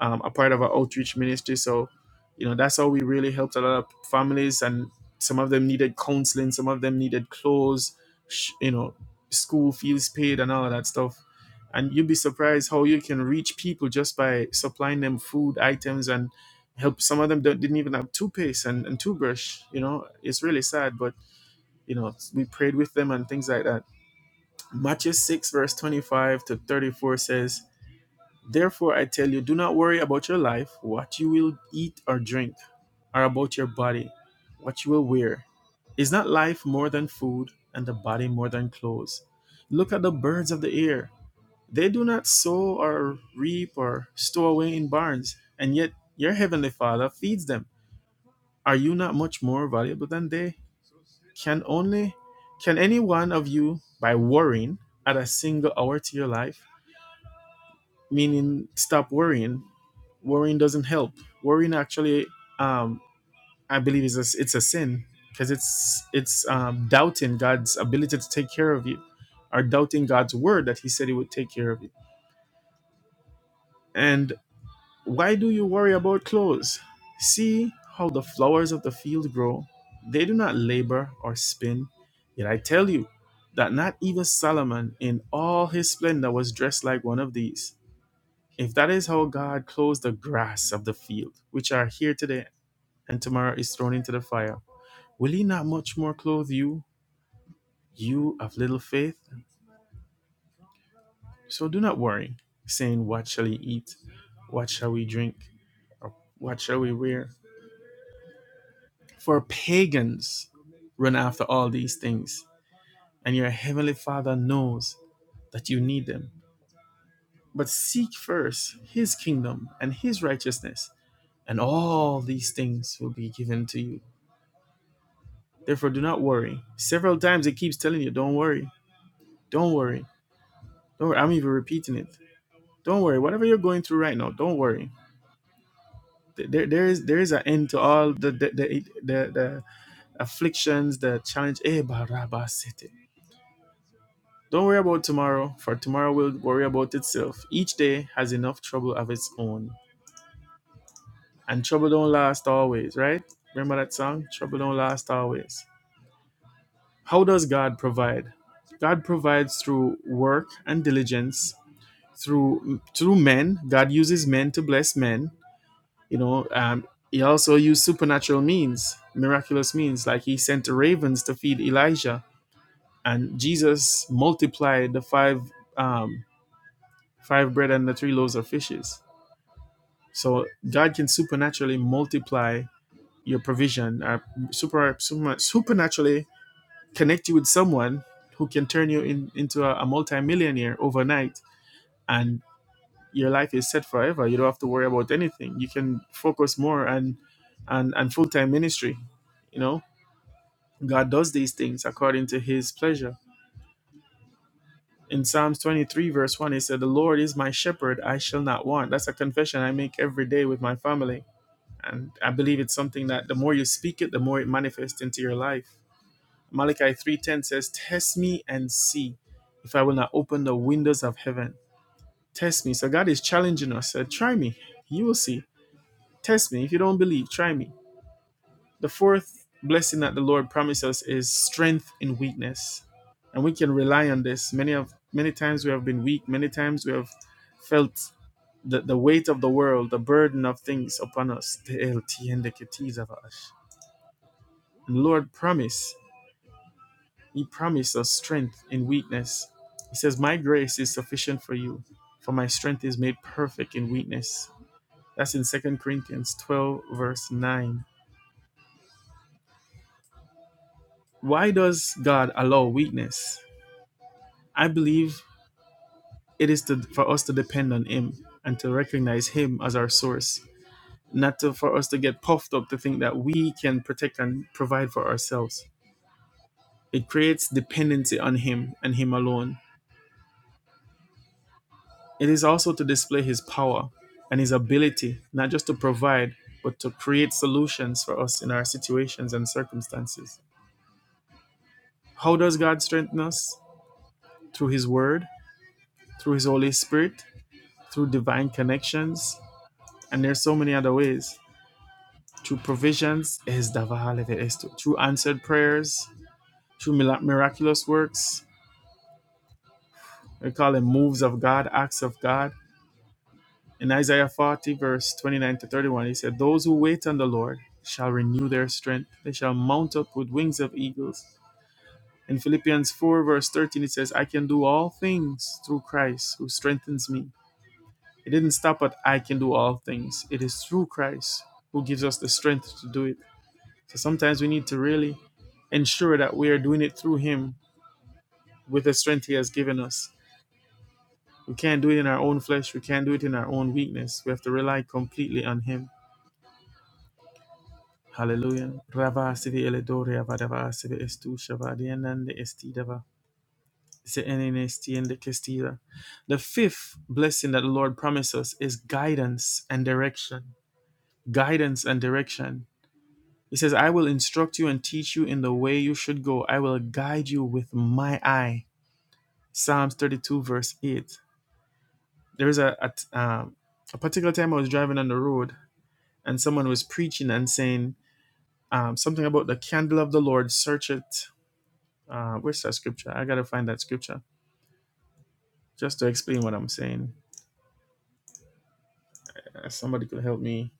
[SPEAKER 1] um, a part of our outreach ministry so you know that's how we really helped a lot of families and some of them needed counseling some of them needed clothes sh- you know school fees paid and all of that stuff and you'd be surprised how you can reach people just by supplying them food items and help some of them don't, didn't even have toothpaste and, and toothbrush you know it's really sad but you know, we prayed with them and things like that. Matthew 6, verse 25 to 34 says, Therefore I tell you, do not worry about your life, what you will eat or drink, or about your body, what you will wear. Is not life more than food, and the body more than clothes? Look at the birds of the air. They do not sow or reap or store away in barns, and yet your heavenly Father feeds them. Are you not much more valuable than they? Can only can any one of you by worrying add a single hour to your life? Meaning stop worrying. Worrying doesn't help. Worrying actually um I believe is a, it's a sin because it's it's um, doubting God's ability to take care of you or doubting God's word that he said he would take care of you. And Why do you worry about clothes? See how the flowers of the field grow. They do not labor or spin. Yet I tell you that not even Solomon in all his splendor was dressed like one of these. If that is how God clothes the grass of the field, which are here today and tomorrow is thrown into the fire, will he not much more clothe you, you of little faith? So do not worry, saying, What shall we eat? What shall we drink? Or what shall we wear? For pagans run after all these things, and your heavenly Father knows that you need them. But seek first his kingdom and his righteousness, and all these things will be given to you. Therefore, do not worry. Several times it keeps telling you, don't worry, don't worry, don't worry. I'm even repeating it. Don't worry. Whatever you're going through right now, don't worry. There, there is there is an end to all the the the, the, the afflictions, the challenge. Eh, barabasete. Don't worry about tomorrow, for tomorrow will worry about itself. Each day has enough trouble of its own. And trouble don't last always, right? Remember that song? Trouble don't last always. How does God provide? God provides through work and diligence, through through men. God uses men to bless men. You know, um, he also used supernatural means, miraculous means, like he sent the ravens to feed Elijah, and Jesus multiplied the five. Um, Five bread and the three loaves of fishes. So God can supernaturally multiply your provision, uh, super, super, supernaturally connect you with someone who can turn you in, into a, a multimillionaire overnight, and your life is set forever. You don't have to worry about anything. You can focus more on, on, on full time ministry. You know, God does these things according to His pleasure. In Psalms 23, verse 1, it said, The Lord is my shepherd, I shall not want. That's a confession I make every day with my family and i believe it's something that the more you speak it the more it manifests into your life malachi 3.10 says test me and see if i will not open the windows of heaven test me so god is challenging us said try me you will see test me if you don't believe try me the fourth blessing that the lord promised us is strength in weakness and we can rely on this many of many times we have been weak many times we have felt the, the weight of the world the burden of things upon us the LTN, the keys of us And Lord promise. He promised us strength in weakness. He says, My grace is sufficient for you, for my strength is made perfect in weakness. That's in Second Corinthians 12, verse 9. Why does God allow weakness? I believe it is to, for us to depend on Him and to recognize Him as our source, not to, for us to get puffed up to think that we can protect and provide for ourselves. It creates dependency on Him and Him alone It is also to display his power and his ability, not just to provide, but to create solutions for us in our situations and circumstances. How does God strengthen us? Through his word, through his Holy Spirit, through divine connections, and there's so many other ways. Through provisions, Through answered prayers, through miraculous works, we call them moves of God, acts of God. In Isaiah 40, verse 29 to 31, he said, Those who wait on the Lord shall renew their strength. They shall mount up with wings of eagles. In Philippians 4, verse 13, it says, I can do all things through Christ who strengthens me. It didn't stop at I can do all things. It is through Christ who gives us the strength to do it. So sometimes we need to really ensure that we are doing it through Him with the strength He has given us. We can't do it in our own flesh. We can't do it in our own weakness. We have to rely completely on Him. Hallelujah. Rava sivi eledoria vadava sivi estusha vadianande estidava. se enene stiende kestida. The fifth blessing that the Lord promised us is guidance and direction. Guidance and direction. He says, I will instruct you and teach you in the way you should go. I will guide you with my eye. Psalms 32, verse 8. There is a a, um, a particular time I was driving on the road and someone was preaching and saying um, something about the candle of the Lord, search it Uh, where's that scripture? I gotta find that scripture just to explain what I'm saying. Uh, somebody could help me.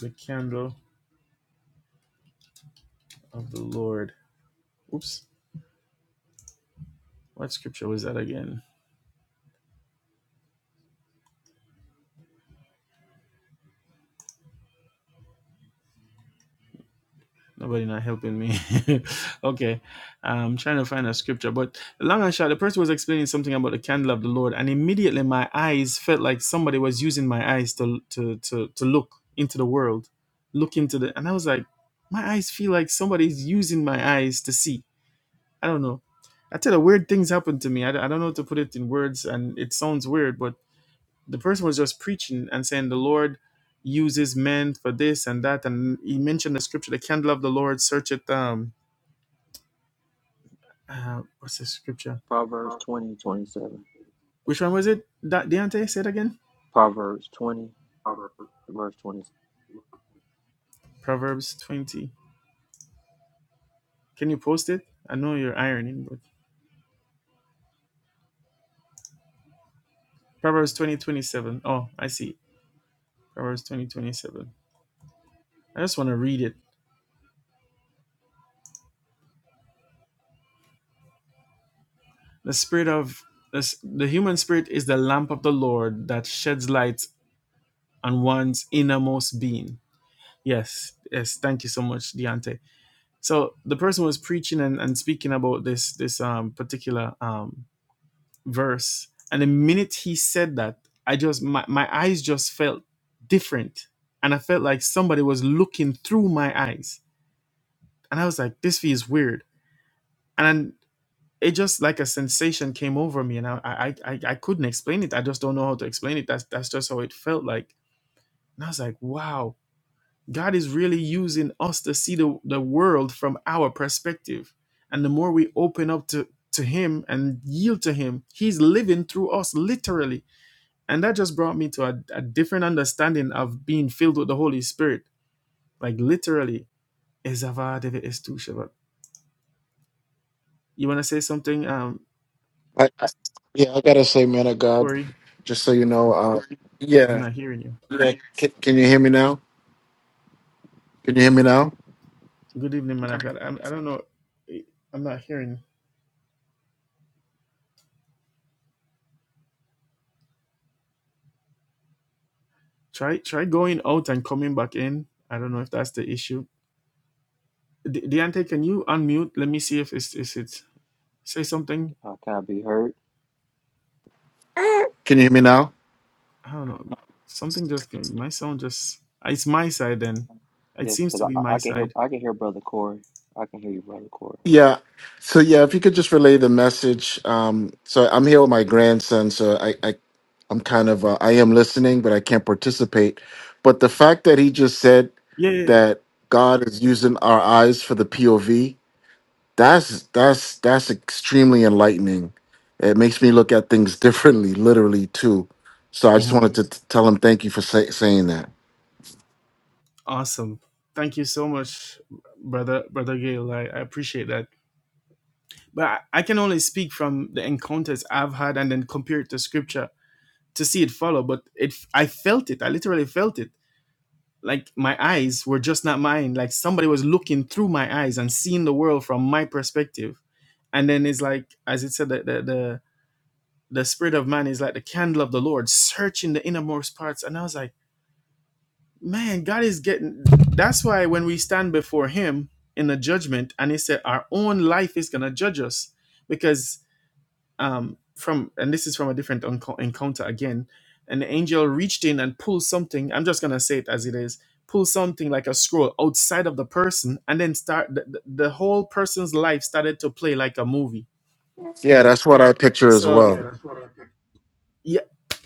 [SPEAKER 1] The candle of the Lord. Oops. What scripture was that again? Nobody not helping me. okay. I'm trying to find a scripture. But long and short, the person was explaining something about the candle of the Lord, and immediately my eyes felt like somebody was using my eyes to to to, to look into the world. Look into the and I was like, my eyes feel like somebody's using my eyes to see I don't know. I tell you, weird things happened to me. I, I don't know how to put it in words, and it sounds weird, but the person was just preaching and saying the Lord uses men for this and that, and he mentioned the scripture, the candle of the Lord, search it. Um, uh, what's the scripture?
[SPEAKER 2] Proverbs twenty twenty seven.
[SPEAKER 1] Which one was it? Da- Deontay, say it again.
[SPEAKER 2] Proverbs 20, verse 20.
[SPEAKER 1] Proverbs twenty. Can you post it? I know you're ironing, but Proverbs twenty twenty seven. Oh, I see. Proverbs twenty twenty seven. I just want to read it The spirit of this, the human spirit is the lamp of the Lord that sheds light on one's innermost being. Yes, yes. Thank you so much, Deontay. So the person was preaching and, and speaking about this this um, particular um, verse, and the minute he said that, I just my, my eyes just felt different, and I felt like somebody was looking through my eyes, and I was like, this feels weird, and it just like a sensation came over me and I, I i i couldn't explain it i just don't know how to explain it that's that's just how it felt like and i was like wow god is really using us to see the, the world from our perspective and the more we open up to to him and yield to him he's living through us literally and that just brought me to a, a different understanding of being filled with the holy spirit like literally Ezavadeve estusheva. you want to say something um
[SPEAKER 3] I, I- yeah, I gotta say, man of God,
[SPEAKER 1] corey
[SPEAKER 3] just so you know, uh,
[SPEAKER 1] i'm
[SPEAKER 3] yeah,
[SPEAKER 1] not hearing you
[SPEAKER 3] yeah. Can, can you hear me now? Can you hear me now?
[SPEAKER 1] Good evening, man of God. I'm, I don't know. eh, I'm not hearing. Try try going out and coming back in. I don't know if that's the issue. D- Deante, can you unmute? Let me see if it's is it say something.
[SPEAKER 2] Uh, can I be heard?
[SPEAKER 3] Can you hear me now?
[SPEAKER 1] I don't know. Something just came. My sound just. It's my side then. It
[SPEAKER 2] Yes,
[SPEAKER 1] seems to
[SPEAKER 2] because
[SPEAKER 1] be
[SPEAKER 2] I, I
[SPEAKER 1] my
[SPEAKER 2] I can hear
[SPEAKER 1] side.
[SPEAKER 2] I can hear brother Corey. I can hear you, brother Corey.
[SPEAKER 3] Yeah. So yeah, if you could just relay the message. Um, so I'm here with my grandson, so I, I I'm kind of uh, I am listening, but I can't participate. But the fact that he just said
[SPEAKER 1] Yeah. yeah,
[SPEAKER 3] that God is using our eyes for the POV, That's that's that's extremely enlightening. It makes me look at things differently, literally too. So I
[SPEAKER 1] yeah.
[SPEAKER 3] just
[SPEAKER 1] Mhm.
[SPEAKER 3] wanted to t- tell him thank you for say, saying that.
[SPEAKER 1] Awesome. Thank you so much, brother brother Gail. I, I appreciate that. But I, I can only speak from the encounters I've had and then compare it to scripture to see it follow, but it I felt it. I literally felt it. Like my eyes were just not mine. Like somebody was looking through my eyes and seeing the world from my perspective. And then it's like, as it said, the the the, the spirit of man is like the candle of the Lord, searching the innermost parts. And I was like, man, God is getting. That's why when we stand before Him in the judgment, and He said, our own life is gonna judge us, because um, from and this is from a different unco- encounter again an angel reached in and pulled something i'm just going to say it as it is pulled something like a scroll outside of the person and then start the, the the whole person's life started to play like a movie
[SPEAKER 3] Yeah, that's what I picture as
[SPEAKER 1] so yeah,
[SPEAKER 3] well.
[SPEAKER 1] yeah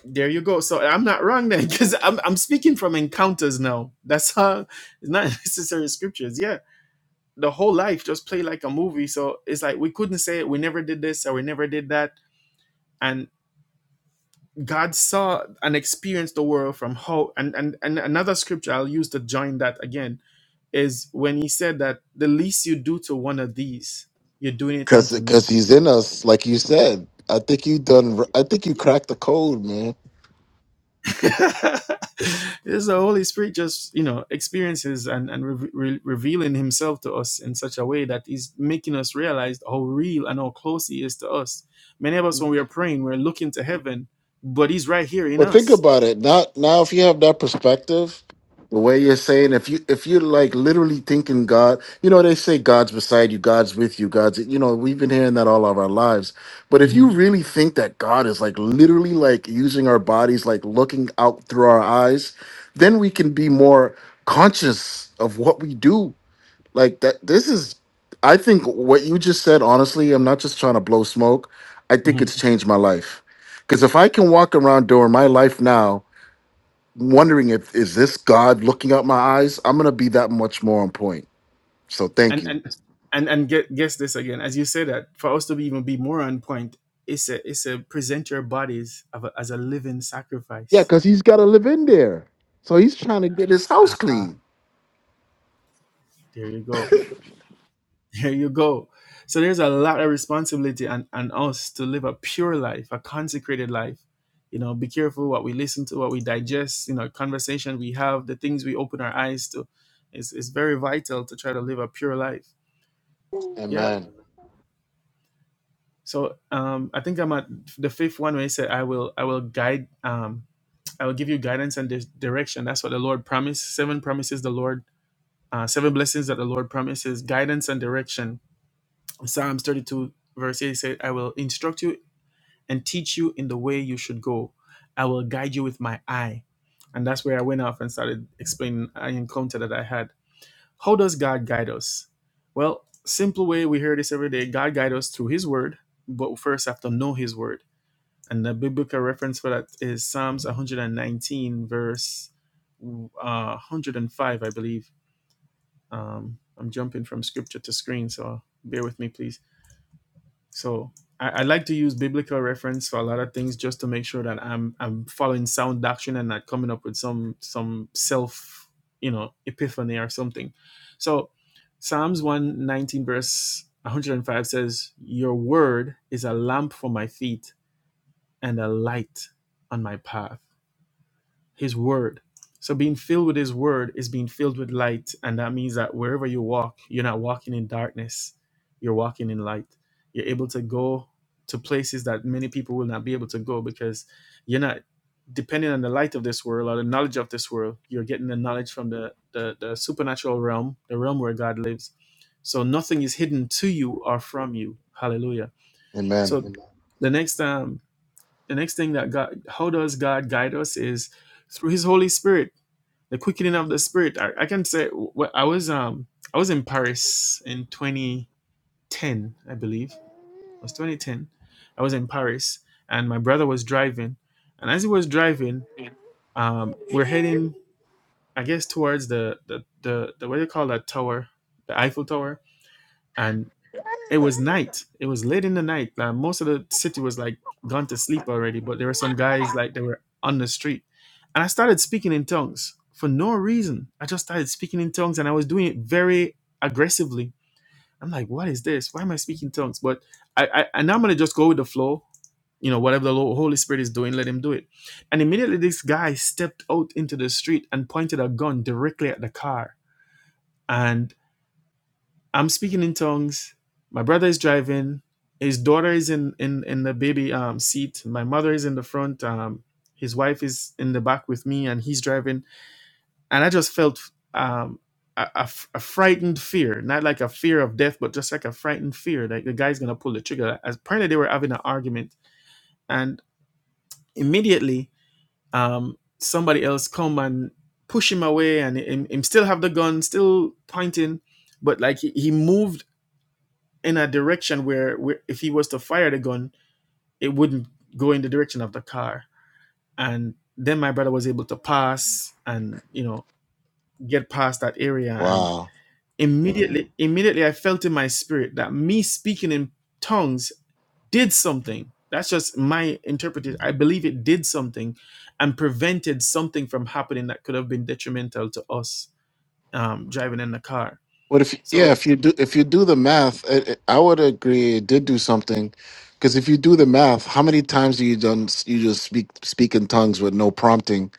[SPEAKER 1] there you go so i'm not wrong then because I'm, I'm speaking from encounters now that's how it's not necessary scriptures yeah the whole life just play like a movie so it's like we couldn't say we never did this or we never did that and. God saw and experienced the world from how and, and and another scripture I'll use to join that again is when he said that the least you do to one of these, you're doing it unto
[SPEAKER 3] Cause, cause
[SPEAKER 1] me.
[SPEAKER 3] he's in us, like you said. I think you done. I think you cracked the code, man.
[SPEAKER 1] This the Holy Spirit just you know experiences and and re- re- revealing Himself to us in such a way that He's making us realize how real and how close He is to us. Many of us, when we are praying, we're looking to heaven, but He's right here in
[SPEAKER 3] Well, think
[SPEAKER 1] us.
[SPEAKER 3] about it. Now, now, if you have that perspective, the way you're saying, if you if you're like literally thinking God, you know, they say God's beside you, God's with you, God's, you know, we've been hearing that all of our lives. But if you
[SPEAKER 1] Mhm,
[SPEAKER 3] really think that God is like literally like using our bodies, like looking out through our eyes, then we can be more conscious of what we do like that this is I think what you just said honestly, I'm not just trying to blow smoke. I think
[SPEAKER 1] mhm.
[SPEAKER 3] it's changed my life. Cuz if I can walk around during my life now wondering if is this God looking out my eyes, I'm going to be that much more on point. So thank
[SPEAKER 1] and
[SPEAKER 3] you.
[SPEAKER 1] and and and get, guess this again as you say that for us to be even be more on point it's a it's a present your bodies of a, as a living
[SPEAKER 3] Yeah,
[SPEAKER 1] sacrifice
[SPEAKER 3] cuz he's got to live in there. So he's trying to get his house
[SPEAKER 1] ah,
[SPEAKER 3] clean.
[SPEAKER 1] there you go there you go so there's a lot of responsibility on, on us to live a pure life a consecrated life you know be careful what we listen to what we digest you know conversation we have the things we open our eyes to it's, it's very vital to try to live a pure life yeah
[SPEAKER 3] Amen.
[SPEAKER 1] so um i think i'm at the fifth one where he said i will i will guide um I will give you guidance and dis- direction. That's what the Lord promised. Seven promises the Lord, uh, seven blessings that the Lord promises guidance and direction. Psalms 32, verse 8 said, I will instruct you and teach you in the way you should go. I will guide you with my eye. And that's where I went off and started explaining an encounter that I had. How does God guide us? Well, simple way we hear this every day God guides us through His word, but first I have to know His word. And the biblical reference for that is Psalms 119, verse uh, 105, I believe. Um, I'm jumping from scripture to screen, so bear with me, please. So I, I like to use biblical reference for a lot of things just to make sure that I'm I'm following sound doctrine and not coming up with some some self you know epiphany or something. So Psalms 119 verse 105 says, "Your word is a lamp for my feet." and a light on my path, His Word. So, being filled with His Word is being filled with light. And that means that wherever you walk, you're not walking in darkness, you're walking in light. You're able to go to places that many people will not be able to go because you're not depending on the light of this world or the knowledge of this world. You're getting the knowledge from the, the, the supernatural realm, the realm where God lives. So, nothing is hidden to you or from you. Hallelujah. So,
[SPEAKER 3] Amen.
[SPEAKER 1] Amen. the next time the next thing that God, how does God guide us is through His Holy Spirit, the quickening of the Spirit. I, I can say I was um I was in Paris in 2010, I believe it was 2010. I was in Paris and my brother was driving, and as he was driving, um, we're heading I guess towards the the the, the what do you call that tower, the Eiffel Tower, and it was night. It was late in the night. Like most of the city was like gone to sleep already, but there were some guys like they were on the street. And I started speaking in tongues for no reason. I just started speaking in tongues and I was doing it very aggressively. I'm like, what is this? Why am I speaking tongues? But I, I and I'm gonna just go with the flow. You know, whatever the Lo- Holy Spirit is doing, let him do it. And immediately this guy stepped out into the street and pointed a gun directly at the car. and. I'm speaking in tongues. My brother is driving. His daughter is in in in the baby um seat. My mother is in the front. Um, his wife is in the back with me, and he's driving. And I just felt um a, a f- a frightened fear, not like a fear of death, but just like a frightened fear, like the guy's gonna pull the trigger. As apparently they were having an argument, and immediately um somebody else come and push him away, and him, him still have the gun, still pointing, but like he, he moved in a direction where, where if he was to fire the gun, it wouldn't go in the direction of the car. And then my brother was able to pass and you know get past that area. And
[SPEAKER 3] Wow.
[SPEAKER 1] immediately, immediately, I felt in my spirit that me speaking in tongues did something. That's just my interpretation. I believe it did something and prevented something from happening that could have been detrimental to us um, driving in the car.
[SPEAKER 3] What if yeah,
[SPEAKER 1] So
[SPEAKER 3] if you do if you do the math, I, I would agree it did do something because if you do the math, how many times do you done you just speak speak in tongues with no prompting,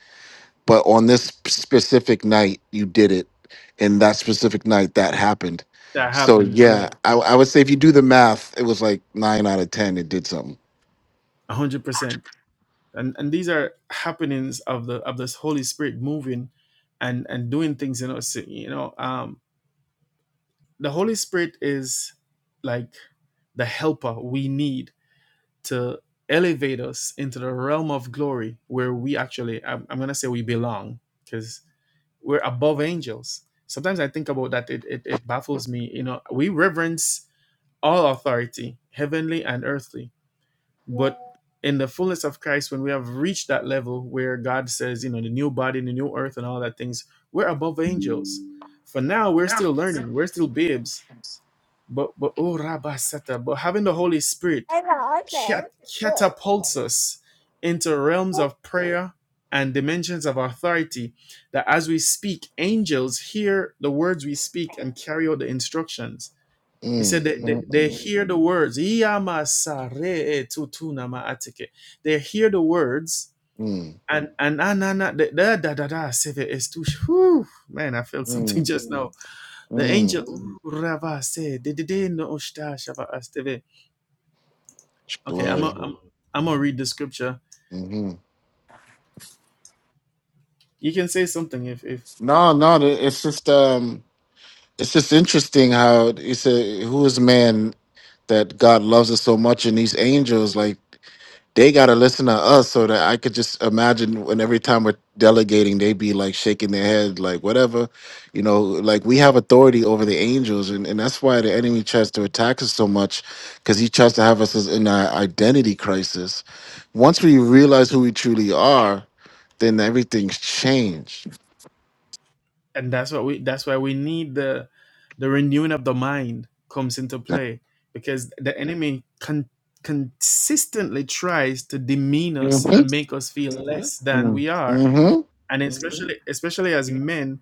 [SPEAKER 3] but on this specific night you did it, and that specific night that happened.
[SPEAKER 1] that
[SPEAKER 3] So
[SPEAKER 1] happened, right?
[SPEAKER 3] yeah, I, I would say if you do the math, it was like nine out of ten. It did something.
[SPEAKER 1] 100%. and and these are happenings of the of this holy spirit moving and and doing things in us you know um the holy spirit is like the helper we need to elevate us into the realm of glory where we actually i'm, I'm gonna say we belong because we're above angels sometimes i think about that it, it it baffles me you know we reverence all authority heavenly and earthly but in the fullness of Christ, when we have reached that level where God says, you know, the new body, the new earth, and all that things, we're above angels. For now, we're still learning, we're still babes. But but oh Rabasata, but having the Holy Spirit cat- catapults us into realms of prayer and dimensions of authority that as we speak angels hear the words we speak and carry out the instructions he said
[SPEAKER 3] Mm,
[SPEAKER 1] that
[SPEAKER 3] mm,
[SPEAKER 1] they, they
[SPEAKER 3] mm,
[SPEAKER 1] hear the words. "Iyamasare tutuna ma'atike." They hear the words
[SPEAKER 3] mm,
[SPEAKER 1] and and anana da da da da da seve estush. Whew, man, I felt
[SPEAKER 3] mm,
[SPEAKER 1] something just now. The
[SPEAKER 3] mm.
[SPEAKER 1] angel rava se de de de no ushta shava asteve. Okay, I'm a,
[SPEAKER 3] Glory.
[SPEAKER 1] I'm I'm gonna read the scripture.
[SPEAKER 3] hmm
[SPEAKER 1] You can say something if if
[SPEAKER 3] No, no, it's just um. It's just interesting how it's a who is man that God loves us so much, and these angels like they gotta listen to us. So that I could just imagine when every time we're delegating, they be like shaking their head, like whatever, you know, like we have authority over the angels, and and that's why the enemy tries to attack us so much because he tries to have us as in our identity crisis. Once we realize who we truly are, then everything's changed.
[SPEAKER 1] and that's what we that's why we need the the renewing of the mind comes into play because the enemy con- consistently tries to demean us
[SPEAKER 3] Mm
[SPEAKER 1] and make us feel Mhm. less than
[SPEAKER 3] hmm
[SPEAKER 1] we are
[SPEAKER 3] Mm
[SPEAKER 1] and Mhm. especially especially as
[SPEAKER 3] hmm
[SPEAKER 1] men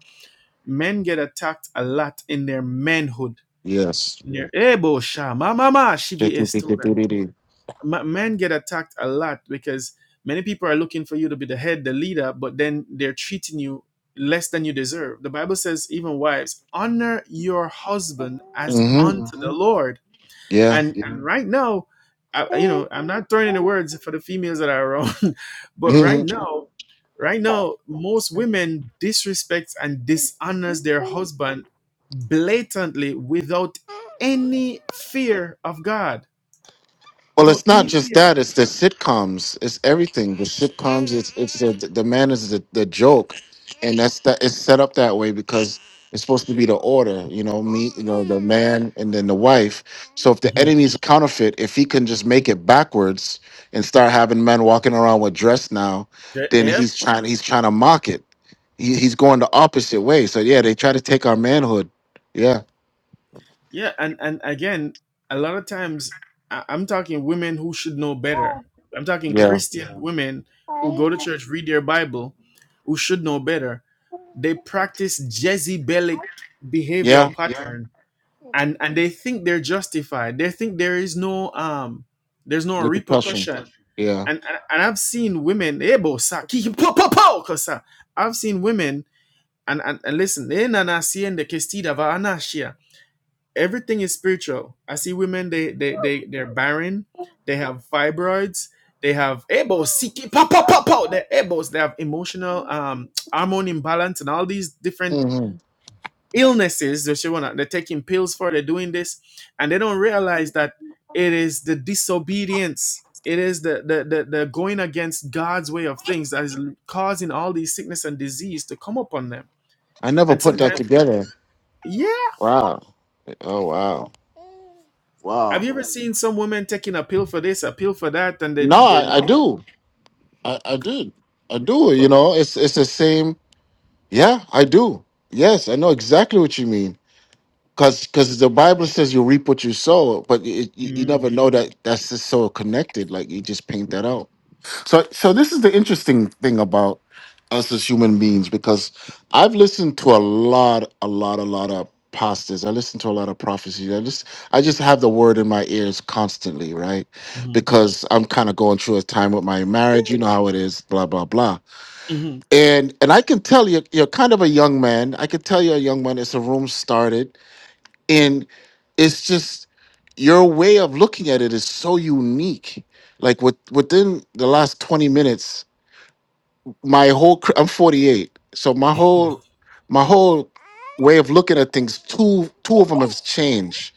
[SPEAKER 1] men get attacked a lot in their manhood
[SPEAKER 3] Yes.
[SPEAKER 1] in their ebo shama mama
[SPEAKER 3] Mm-hmm.
[SPEAKER 1] ma- men get attacked a lot because many people are looking for you to be the head, the leader, but then they're treating you less than you deserve. The Bible says, even wives, honor your husband as unto the hmm Lord.
[SPEAKER 3] Yeah.
[SPEAKER 1] And, Yeah. and right now, I, you know, I'm not throwing any words for the females that are around, but
[SPEAKER 3] hmm
[SPEAKER 1] right now, right now, most women disrespects and dishonors their husband blatantly without any fear of God,
[SPEAKER 3] Well,
[SPEAKER 1] without
[SPEAKER 3] it's not
[SPEAKER 1] any
[SPEAKER 3] just
[SPEAKER 1] fear.
[SPEAKER 3] that; it's the sitcoms. It's everything. The sitcoms. It's it's the the man is the, the joke, and that's that. It's set up that way because it's supposed to be the order. You know, me. You know, the man and then the wife. So if the enemy's counterfeit, if he can just make it backwards and start having men walking around with dress now,
[SPEAKER 1] J-
[SPEAKER 3] then
[SPEAKER 1] Yep.
[SPEAKER 3] he's trying. He's trying to mock it. He, he's going the opposite way. So yeah, they try to take our manhood. Yeah.
[SPEAKER 1] Yeah. And and again, a lot of times I- I'm talking women who should know better. I'm talking
[SPEAKER 3] Yeah.
[SPEAKER 1] Christian Yeah. women who go to church, read their Bible, who should know better. They practice Jezebelic behavioral
[SPEAKER 3] Yeah.
[SPEAKER 1] Yeah. pattern, and and they think they're justified. They think there is no um, there's no
[SPEAKER 3] repercussion.
[SPEAKER 1] repercussion.
[SPEAKER 3] Yeah.
[SPEAKER 1] And and, and I've seen women, ebo sa ki- po po po kosa. I've seen women, and and, and listen, eh, nana siende kestida va anashia everything is spiritual. I see women they they they they're barren, they have fibroids, they have elbows, siki pop pop pop pop, their elbows, they have emotional um hormone imbalance and all these different
[SPEAKER 3] hmm
[SPEAKER 1] illnesses that she wanna they're taking pills for, they're doing this, and they don't realize that it is the disobedience. It is the, the, the, the going against God's way of things that is causing all these sickness and disease to come upon them.
[SPEAKER 3] I
[SPEAKER 1] And
[SPEAKER 3] never put that
[SPEAKER 1] sometimes,
[SPEAKER 3] together.
[SPEAKER 1] yeah,
[SPEAKER 3] Wow. Oh wow.
[SPEAKER 1] Have you
[SPEAKER 3] Wow.
[SPEAKER 1] ever seen some women taking a pill for this, a pill for that, and they,
[SPEAKER 3] No,
[SPEAKER 1] they,
[SPEAKER 3] I, I
[SPEAKER 1] they
[SPEAKER 3] do. I, I did. I do.
[SPEAKER 1] but,
[SPEAKER 3] You know, it's it's the same. Yeah, I do. Yes, I know exactly what you mean. Cause, Cause the Bible says you reap what you sow, but it, you, you
[SPEAKER 1] mm,
[SPEAKER 3] never know that that's just so connected. Like you just paint that out. So, so this is the interesting thing about us as human beings because I've listened to a lot, a lot, a lot of pastors. I listen to a lot of prophecies. I just, I just have the word in my ears constantly, right?
[SPEAKER 1] mm,
[SPEAKER 3] Because I'm kind of going through a time with my marriage. You know how it is, blah blah blah.
[SPEAKER 1] mm,
[SPEAKER 3] And and I can tell you, you're kind of a young man. I can tell you're a young man. It's a room started, and it's just your way of looking at it is so unique. Like with, within the last 20 minutes, my whole cr- I'm 48, so my whole my whole way of looking at things two two of them have changed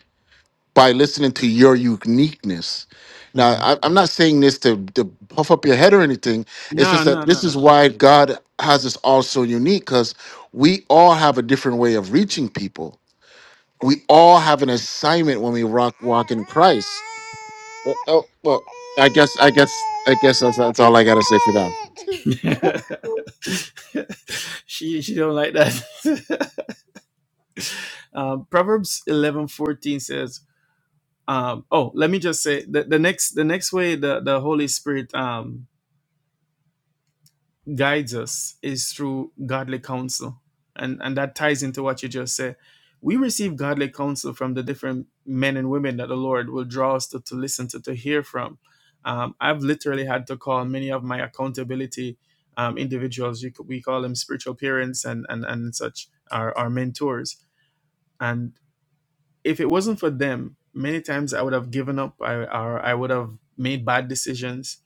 [SPEAKER 3] by listening to your uniqueness. Now
[SPEAKER 1] mm.
[SPEAKER 3] I, I'm not saying this to, to puff up your head or anything. It's
[SPEAKER 1] no,
[SPEAKER 3] just
[SPEAKER 1] no,
[SPEAKER 3] that
[SPEAKER 1] no,
[SPEAKER 3] this
[SPEAKER 1] no.
[SPEAKER 3] is why God has us all so unique because we all have a different way of reaching people. We all have an assignment when we rock walk in Christ. Well, oh, well, I guess I guess I guess that's, that's all I gotta say for now.
[SPEAKER 1] she she don't like that. um, Proverbs eleven fourteen says, um, "Oh, let me just say the, the next the next way the the Holy Spirit um guides us is through godly counsel. And and that ties into what you just said. We receive godly counsel from the different men and women that the Lord will draw us to, to listen to, to hear from. Um, I've literally had to call many of my accountability um, individuals. You could, we call them spiritual parents and and, and such, our, our mentors. and if it wasn't for them, many times I would have given up. I or I would have made bad decisions.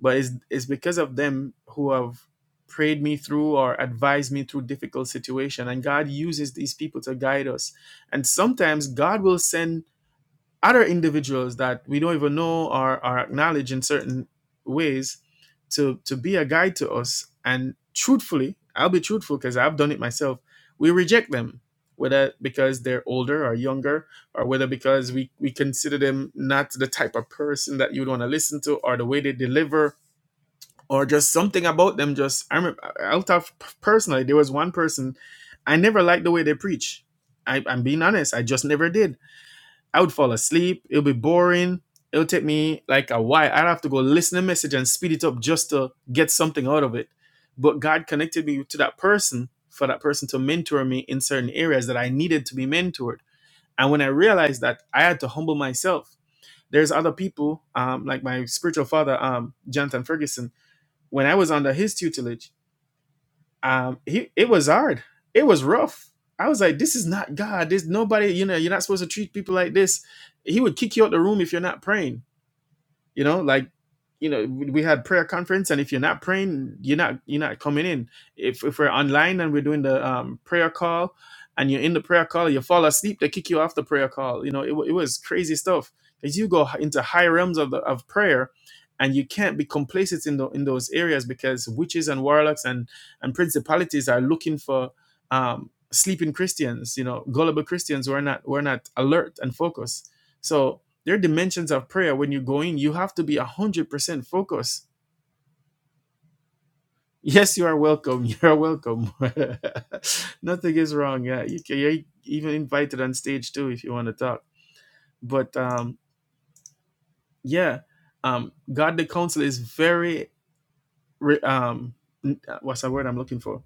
[SPEAKER 1] But it's it's because of them who have prayed me through or advised me through difficult situation. And God uses these people to guide us. And sometimes God will send other individuals that we don't even know or are acknowledged in certain ways to to be a guide to us and truthfully i'll be truthful because i've done it myself we reject them whether because they're older or younger or whether because we we consider them not the type of person that you'd want to listen to or the way they deliver or just something about them just i remember i'll talk personally there was one person i never liked the way they preach I, i'm being honest i just never did I would fall asleep. It'll be boring. It'll take me like a while. I'd have to go listen to a message and speed it up just to get something out of it. But God connected me to that person for that person to mentor me in certain areas that I needed to be mentored. And when I realized that, I had to humble myself. There's other people, um, like my spiritual father, um, Jonathan Ferguson. When I was under his tutelage, um he it was hard it was rough i was like this is not god There's nobody you know you're not supposed to treat people like this he would kick you out the room if you're not praying you know like you know we had prayer conference and if you're not praying you're not you're not coming in if, if we're online and we're doing the um, prayer call and you're in the prayer call you fall asleep they kick you off the prayer call you know it, wa- it was crazy stuff because you go into high realms of, the, of prayer and you can't be complacent in, the, in those areas because witches and warlocks and, and principalities are looking for um, sleeping christians you know gullible christians who are not who are not alert and focused so there are dimensions of prayer. When you go in, you have to be 100% focused. Yes, you are welcome. You are welcome. Nothing is wrong. Yeah, you can, you're even invited on stage too if you want to talk. But um, yeah, um, God the Counselor is very, re- um, n- uh, what's the word I'm looking for?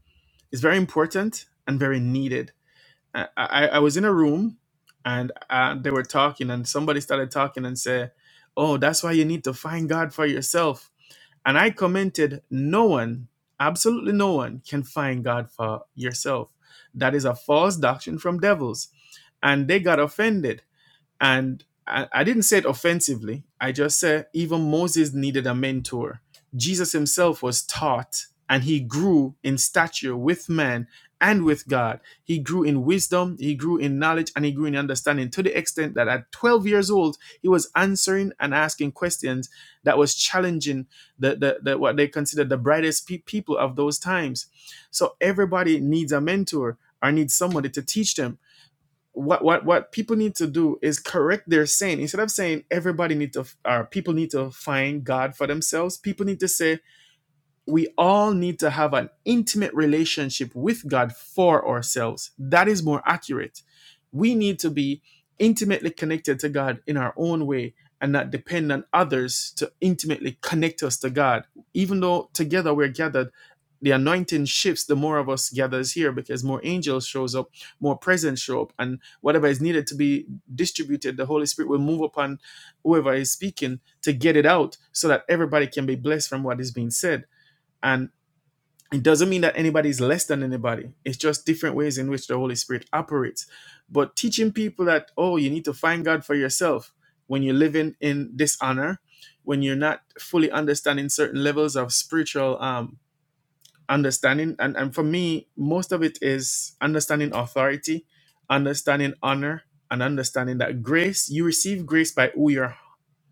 [SPEAKER 1] It's very important and very needed. I, I, I was in a room and uh, they were talking, and somebody started talking and said, Oh, that's why you need to find God for yourself And I commented, No one, absolutely no one, can find God for yourself. That is a false doctrine from devils. And they got offended and I, I didn't say it offensively. I just said even Moses needed a mentor. Jesus himself was taught and he grew in stature with man and with God. He grew in wisdom, he grew in knowledge, and he grew in understanding to the extent that at 12 years old, he was answering and asking questions that was challenging the, the, the what they considered the brightest pe- people of those times. So everybody needs a mentor or needs somebody to teach them what what what people need to do is correct their saying instead of saying everybody need to or people need to find god for themselves people need to say we all need to have an intimate relationship with God for ourselves. That is more accurate. We need to be intimately connected to God in our own way and not depend on others to intimately connect us to God. Even though together we're gathered, the anointing shifts the more of us gathers here because more angels shows up, more presence show up, and whatever is needed to be distributed, the Holy Spirit will move upon whoever is speaking to get it out so that everybody can be blessed from what is being said and it doesn't mean that anybody's less than anybody. It's just different ways in which the Holy Spirit operates. But teaching people that, oh, you need to find God for yourself when you're living in dishonor, when you're not fully understanding certain levels of spiritual um, understanding. And, and for me, most of it is understanding authority, understanding honor, and understanding that grace, you receive grace by who you're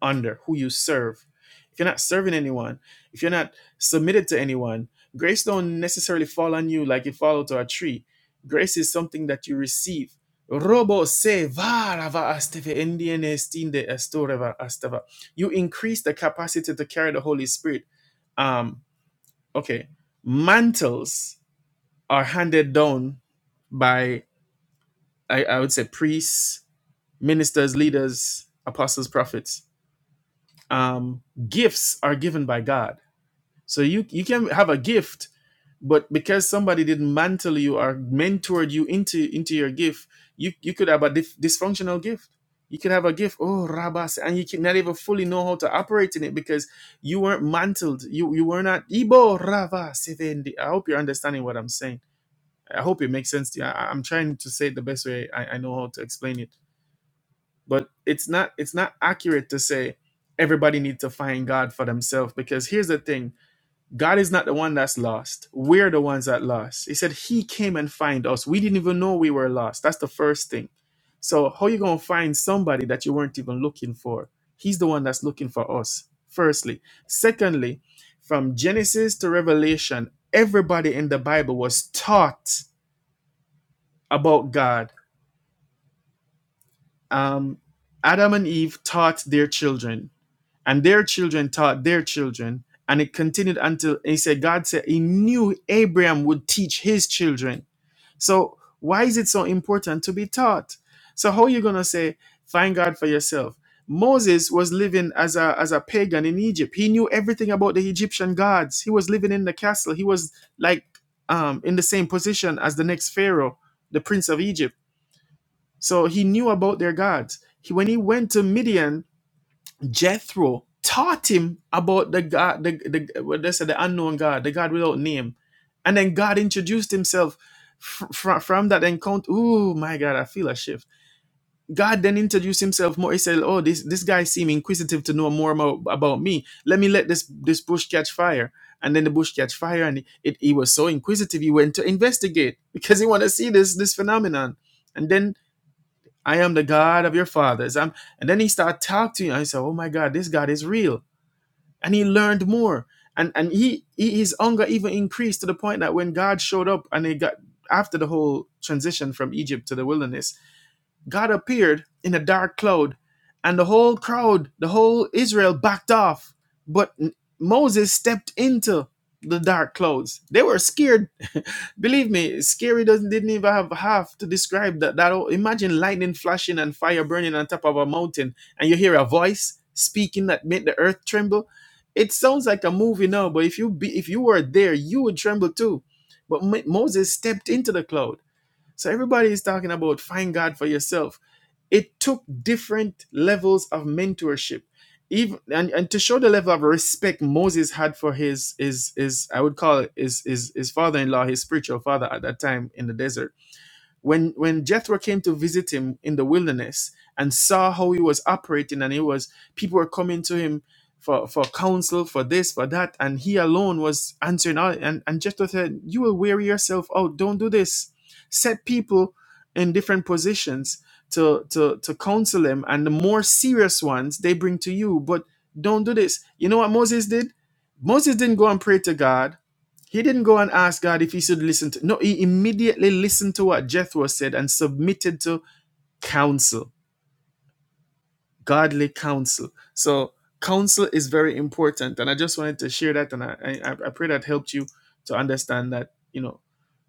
[SPEAKER 1] under, who you serve. If you're not serving anyone, if you're not submitted to anyone, grace don't necessarily fall on you like it falls to a tree. Grace is something that you receive. Robo se varava asteve endiene stinde estoreva asteva. You increase the capacity to carry the Holy Spirit. Um, okay. Mantles are handed down by I, I would say priests, ministers, leaders, apostles, prophets um, gifts are given by God. So you you can have a gift, but because somebody didn't mantle you or mentored you into into your gift, you you could have a dif- dysfunctional gift. You could have a gift, oh rabas, and you can not even fully know how to operate in it because you weren't mantled. You you were not ibo rava sevendi. I hope you're understanding what I'm saying. I hope it makes sense to you. I- I'm trying to say it the best way I, I know how to explain it but it's not it's not accurate to say everybody needs to find god for themselves because here's the thing god is not the one that's lost we're the ones that lost he said he came and find us we didn't even know we were lost that's the first thing so how you gonna find somebody that you weren't even looking for he's the one that's looking for us firstly secondly from genesis to revelation everybody in the bible was taught about god um, adam and eve taught their children and their children taught their children and it continued until he said god said he knew abraham would teach his children so why is it so important to be taught so how are you going to say find god for yourself moses was living as a as a pagan in egypt he knew everything about the egyptian gods he was living in the castle he was like um in the same position as the next pharaoh the prince of egypt so he knew about their gods He- when he went to midian Jethro taught him about the God, the, the what they said, the unknown God, the God without name. And then God introduced himself fr- fr- from that encounter. Oh my God, I feel a shift. God then introduced himself more. He said, Oh, this, this guy seemed inquisitive to know more about, about me. Let me let this, this bush catch fire. And then the bush catch fire, and it, it, he was so inquisitive, he went to investigate because he wanted to see this, this phenomenon. And then I am the God of your fathers. I'm, and then he started talking to you. I said, Oh my God, this God is real and he learned more and and he, he his hunger even increased to the point that when god showed up and they got after the whole transition from egypt to the wilderness God appeared in a dark cloud, and the whole crowd, the whole Israel backed off. But Moses stepped into the dark clouds. They were scared. Believe me, scary doesn't didn't even have half to describe that. That imagine lightning flashing and fire burning on top of a mountain, and you hear a voice speaking that made the earth tremble. It sounds like a movie now, but if you be, if you were there, you would tremble too. But Mo- Moses stepped into the cloud so everybody is talking about find God for yourself. It took different levels of mentorship. Even and, and to show the level of respect Moses had for his his his I would call it his his, his father-in-law, his spiritual father at that time in the desert when when Jethro came to visit him in the wilderness and saw how he was operating, and he was people were coming to him for, for counsel, for this, for that, and he alone was answering all and, and Jethro said, You will wear yourself out, don't do this. Set people in different positions to to to counsel them, and the more serious ones they bring to you, but don't do this. You know what Moses did? Moses didn't go and pray to God. He didn't go and ask God if he should listen to. No, he immediately listened to what Jethro said and submitted to counsel, godly counsel. So counsel is very important, and I just wanted to share that, and I I, I pray that helped you to understand that you know.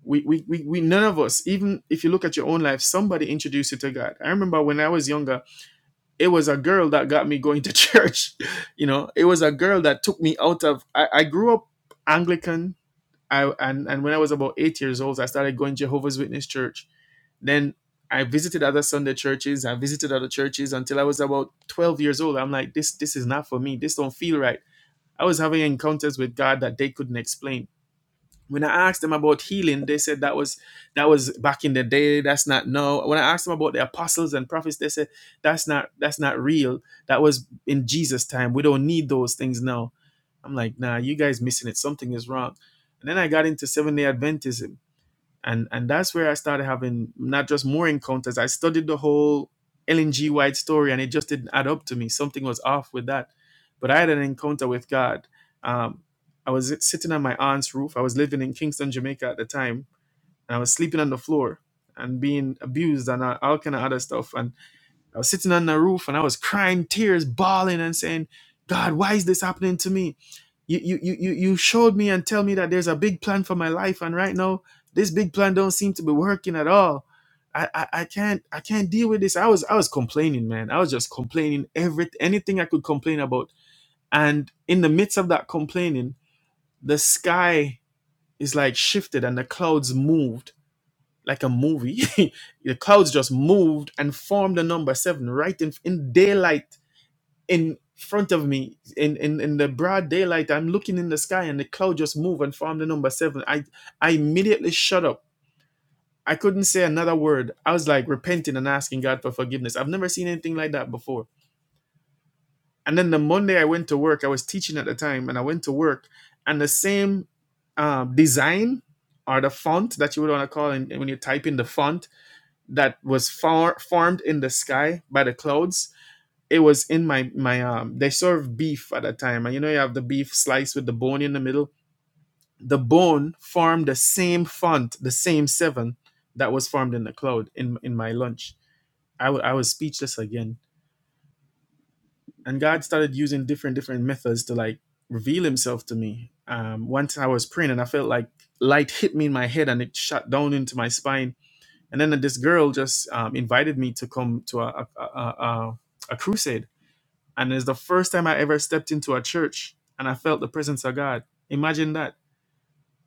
[SPEAKER 1] We, we, we, we none of us even if you look at your own life somebody introduced you to god i remember when i was younger it was a girl that got me going to church you know it was a girl that took me out of i, I grew up anglican I and, and when I was about eight years old, I started going to Jehovah's Witness church. Then I visited other Sunday churches. I visited other churches until I was about 12 years old. I'm like, this this is not for me. This don't feel right. I was having encounters with God that they couldn't explain when I asked them about healing, they said that was that was back in the day. That's not now. When I asked them about the apostles and prophets, they said that's not that's not real. That was in Jesus' time. We don't need those things now. I'm like, nah, you guys missing it. Something is wrong. And then I got into Seventh Day Adventism and and that's where I started having not just more encounters. I studied the whole Ellen G. White story, and it just didn't add up to me. Something was off with that. But I had an encounter with God. Um, I was sitting on my aunt's roof. I was living in Kingston, Jamaica at the time, and I was sleeping on the floor and being abused and all all kind of other stuff. And I was sitting on the roof and I was crying tears, bawling and saying, God, why is this happening to me? You, you, you, you you showed me and tell me that there's a big plan for my life. And right now, this big plan don't seem to be working at all. I, I, I can't I can't deal with this. I was I was complaining, man. I was just complaining every anything I could complain about. And in the midst of that complaining, the sky is like shifted and the clouds moved like a movie. the clouds just moved and formed the number seven right in, in daylight in front of me in, in in the broad daylight i'm looking in the sky and the cloud just moved and formed the number seven i i immediately shut up i couldn't say another word i was like repenting and asking god for forgiveness i've never seen anything like that before and then the monday i went to work i was teaching at the time and i went to work and the same uh, design or the font that you would want to call and when you type in the font that was far, formed in the sky by the clouds. It was in my my um. They served beef at that time, and you know you have the beef sliced with the bone in the middle. The bone formed the same font, the same seven that was formed in the cloud in in my lunch. I w- I was speechless again, and God started using different different methods to like reveal Himself to me. Um, once I was praying, and I felt like light hit me in my head, and it shot down into my spine And then this girl just um, invited me to come to a a, a, a crusade, and it's the first time I ever stepped into a church, and I felt the presence of God. Imagine that.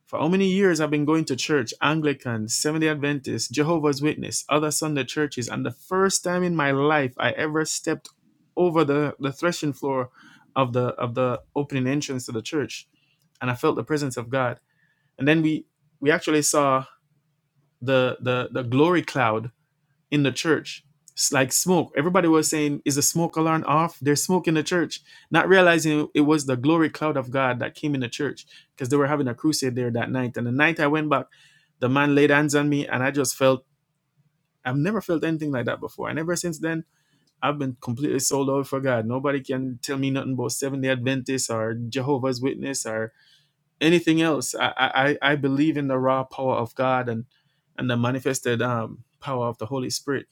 [SPEAKER 1] For how many years I've been going to church, Anglican, Seventh-day Adventist, Jehovah's Witness, other Sunday churches, and the first time in my life I ever stepped over the, the threshing floor of the of the opening entrance to the church, and I felt the presence of God. And then we we actually saw the the the glory cloud in the church. It's like smoke. Everybody was saying, Is the smoke alarm off? There's smoke in the church. Not realizing it was the glory cloud of God that came in the church because they were having a crusade there that night. And the night I went back, the man laid hands on me and I just felt, I've never felt anything like that before. And ever since then, I've been completely sold out for God. Nobody can tell me nothing about Seventh day Adventists or Jehovah's Witness or anything else. I, I, I I believe in the raw power of God and, and the manifested um, power of the Holy Spirit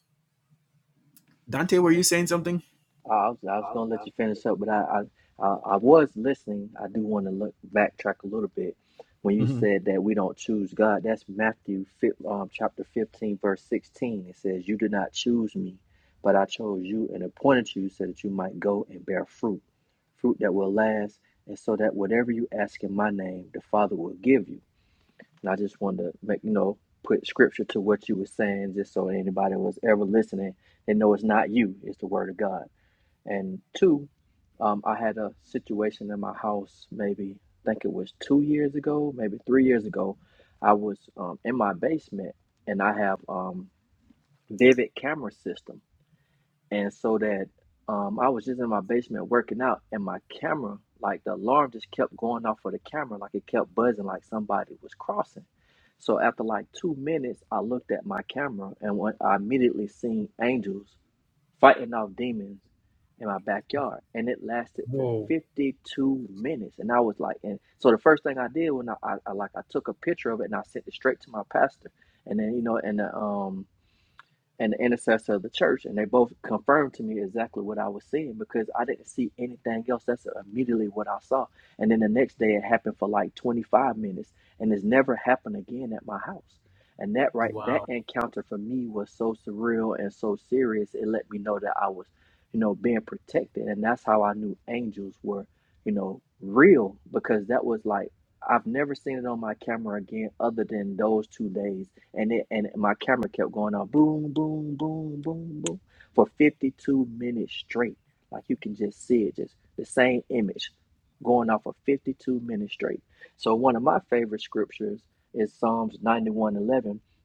[SPEAKER 1] Dante, were you
[SPEAKER 2] Amen.
[SPEAKER 1] saying something?
[SPEAKER 2] I was, I was gonna let you finish up, but I, I, I, I was listening. I do want to look backtrack a little bit when you
[SPEAKER 1] Mhm.
[SPEAKER 2] said that we don't choose God. That's Matthew fif- um, chapter fifteen, verse sixteen. It says, "You did not choose me, but I chose you and appointed you so that you might go and bear fruit, fruit that will last, and so that whatever you ask in my name, the Father will give you." And I just wanted to make you know put scripture to what you were saying, just so anybody was ever listening, they know it's not you, it's the Word of God. And two, um, I had a situation in my house maybe, I think it was two years ago, maybe three years ago. I was um, in my basement and I have um, Vivid camera system. And so that um, I was just in my basement working out and my camera, like the alarm just kept going off for the camera, like it kept buzzing like somebody was crossing. So after like two minutes, I looked at my camera and when I immediately seen angels fighting off demons in my backyard. And it lasted for
[SPEAKER 1] Whoa.
[SPEAKER 2] 52 minutes. And I was like, and so the first thing I did when I, I, I like I took a picture of it and I sent it straight to my pastor. And then, you know, and uh, um and the intercessor of the church, and they both confirmed to me exactly what I was seeing because I didn't see anything else. That's immediately what I saw. And then the next day, it happened for like 25 minutes, and it's never happened again at my house. And that right, that
[SPEAKER 1] Wow.
[SPEAKER 2] encounter for me was so surreal and so serious. It let me know that I was, you know, being protected, and that's how I knew angels were, you know, real because that was like I've never seen it on my camera again, other than those two days and it and my camera kept going on boom, boom, boom, boom, boom for 52 minutes straight. Like you can just see it, just the same image going off for 52 minutes straight. So one of my favorite scriptures is Psalms 91 11.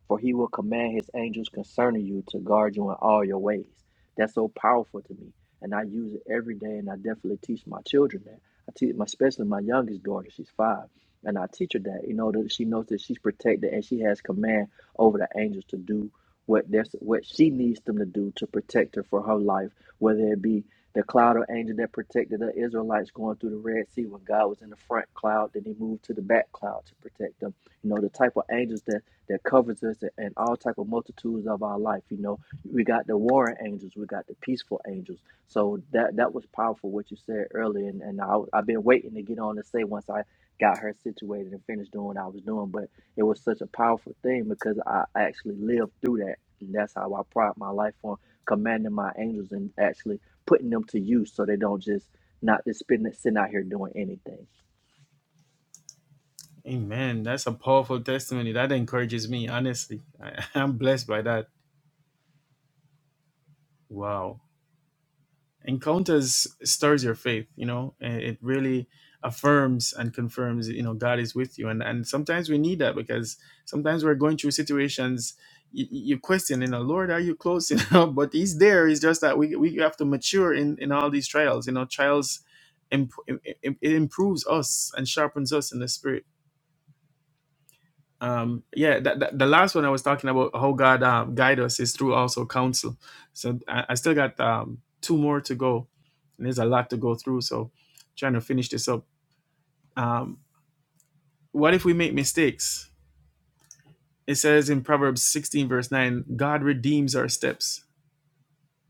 [SPEAKER 2] for he will command his angels concerning you to guard you in all your ways. That's so powerful to me. And I use it every day and I definitely teach my children that. I teach my especially my youngest daughter, she's five. And I teach her that, you know, that she knows that she's protected and she has command over the angels to do what there's what she needs them to do to protect her for her life, whether it be the cloud of angel that protected the Israelites going through the Red Sea when God was in the front cloud, then he moved to the back cloud to protect them. You know, the type of angels that that covers us and all type of multitudes of our life. You know, we got the warring angels, we got the peaceful angels. So that that was powerful what you said earlier, and, and I, I've been waiting to get on to say once I got her situated and finished doing what I was doing, but it was such a powerful thing because I actually lived through that. And that's how I pride my life on commanding my angels and actually putting them to use so they don't just not just spin, sitting out here doing anything.
[SPEAKER 1] Amen. That's a powerful testimony. That encourages me, honestly. I, I'm blessed by that. Wow. encounters stirs your faith you know and it really affirms and confirms you know god is with you and and sometimes we need that because sometimes we're going through situations you, you question you know lord are you close you know but he's there it's just that we, we have to mature in in all these trials you know trials imp- it, it improves us and sharpens us in the spirit um yeah the, the, the last one i was talking about how god um, guide us is through also counsel so i, I still got um two more to go and there's a lot to go through so trying to finish this up um what if we make mistakes it says in proverbs 16 verse 9 god redeems our steps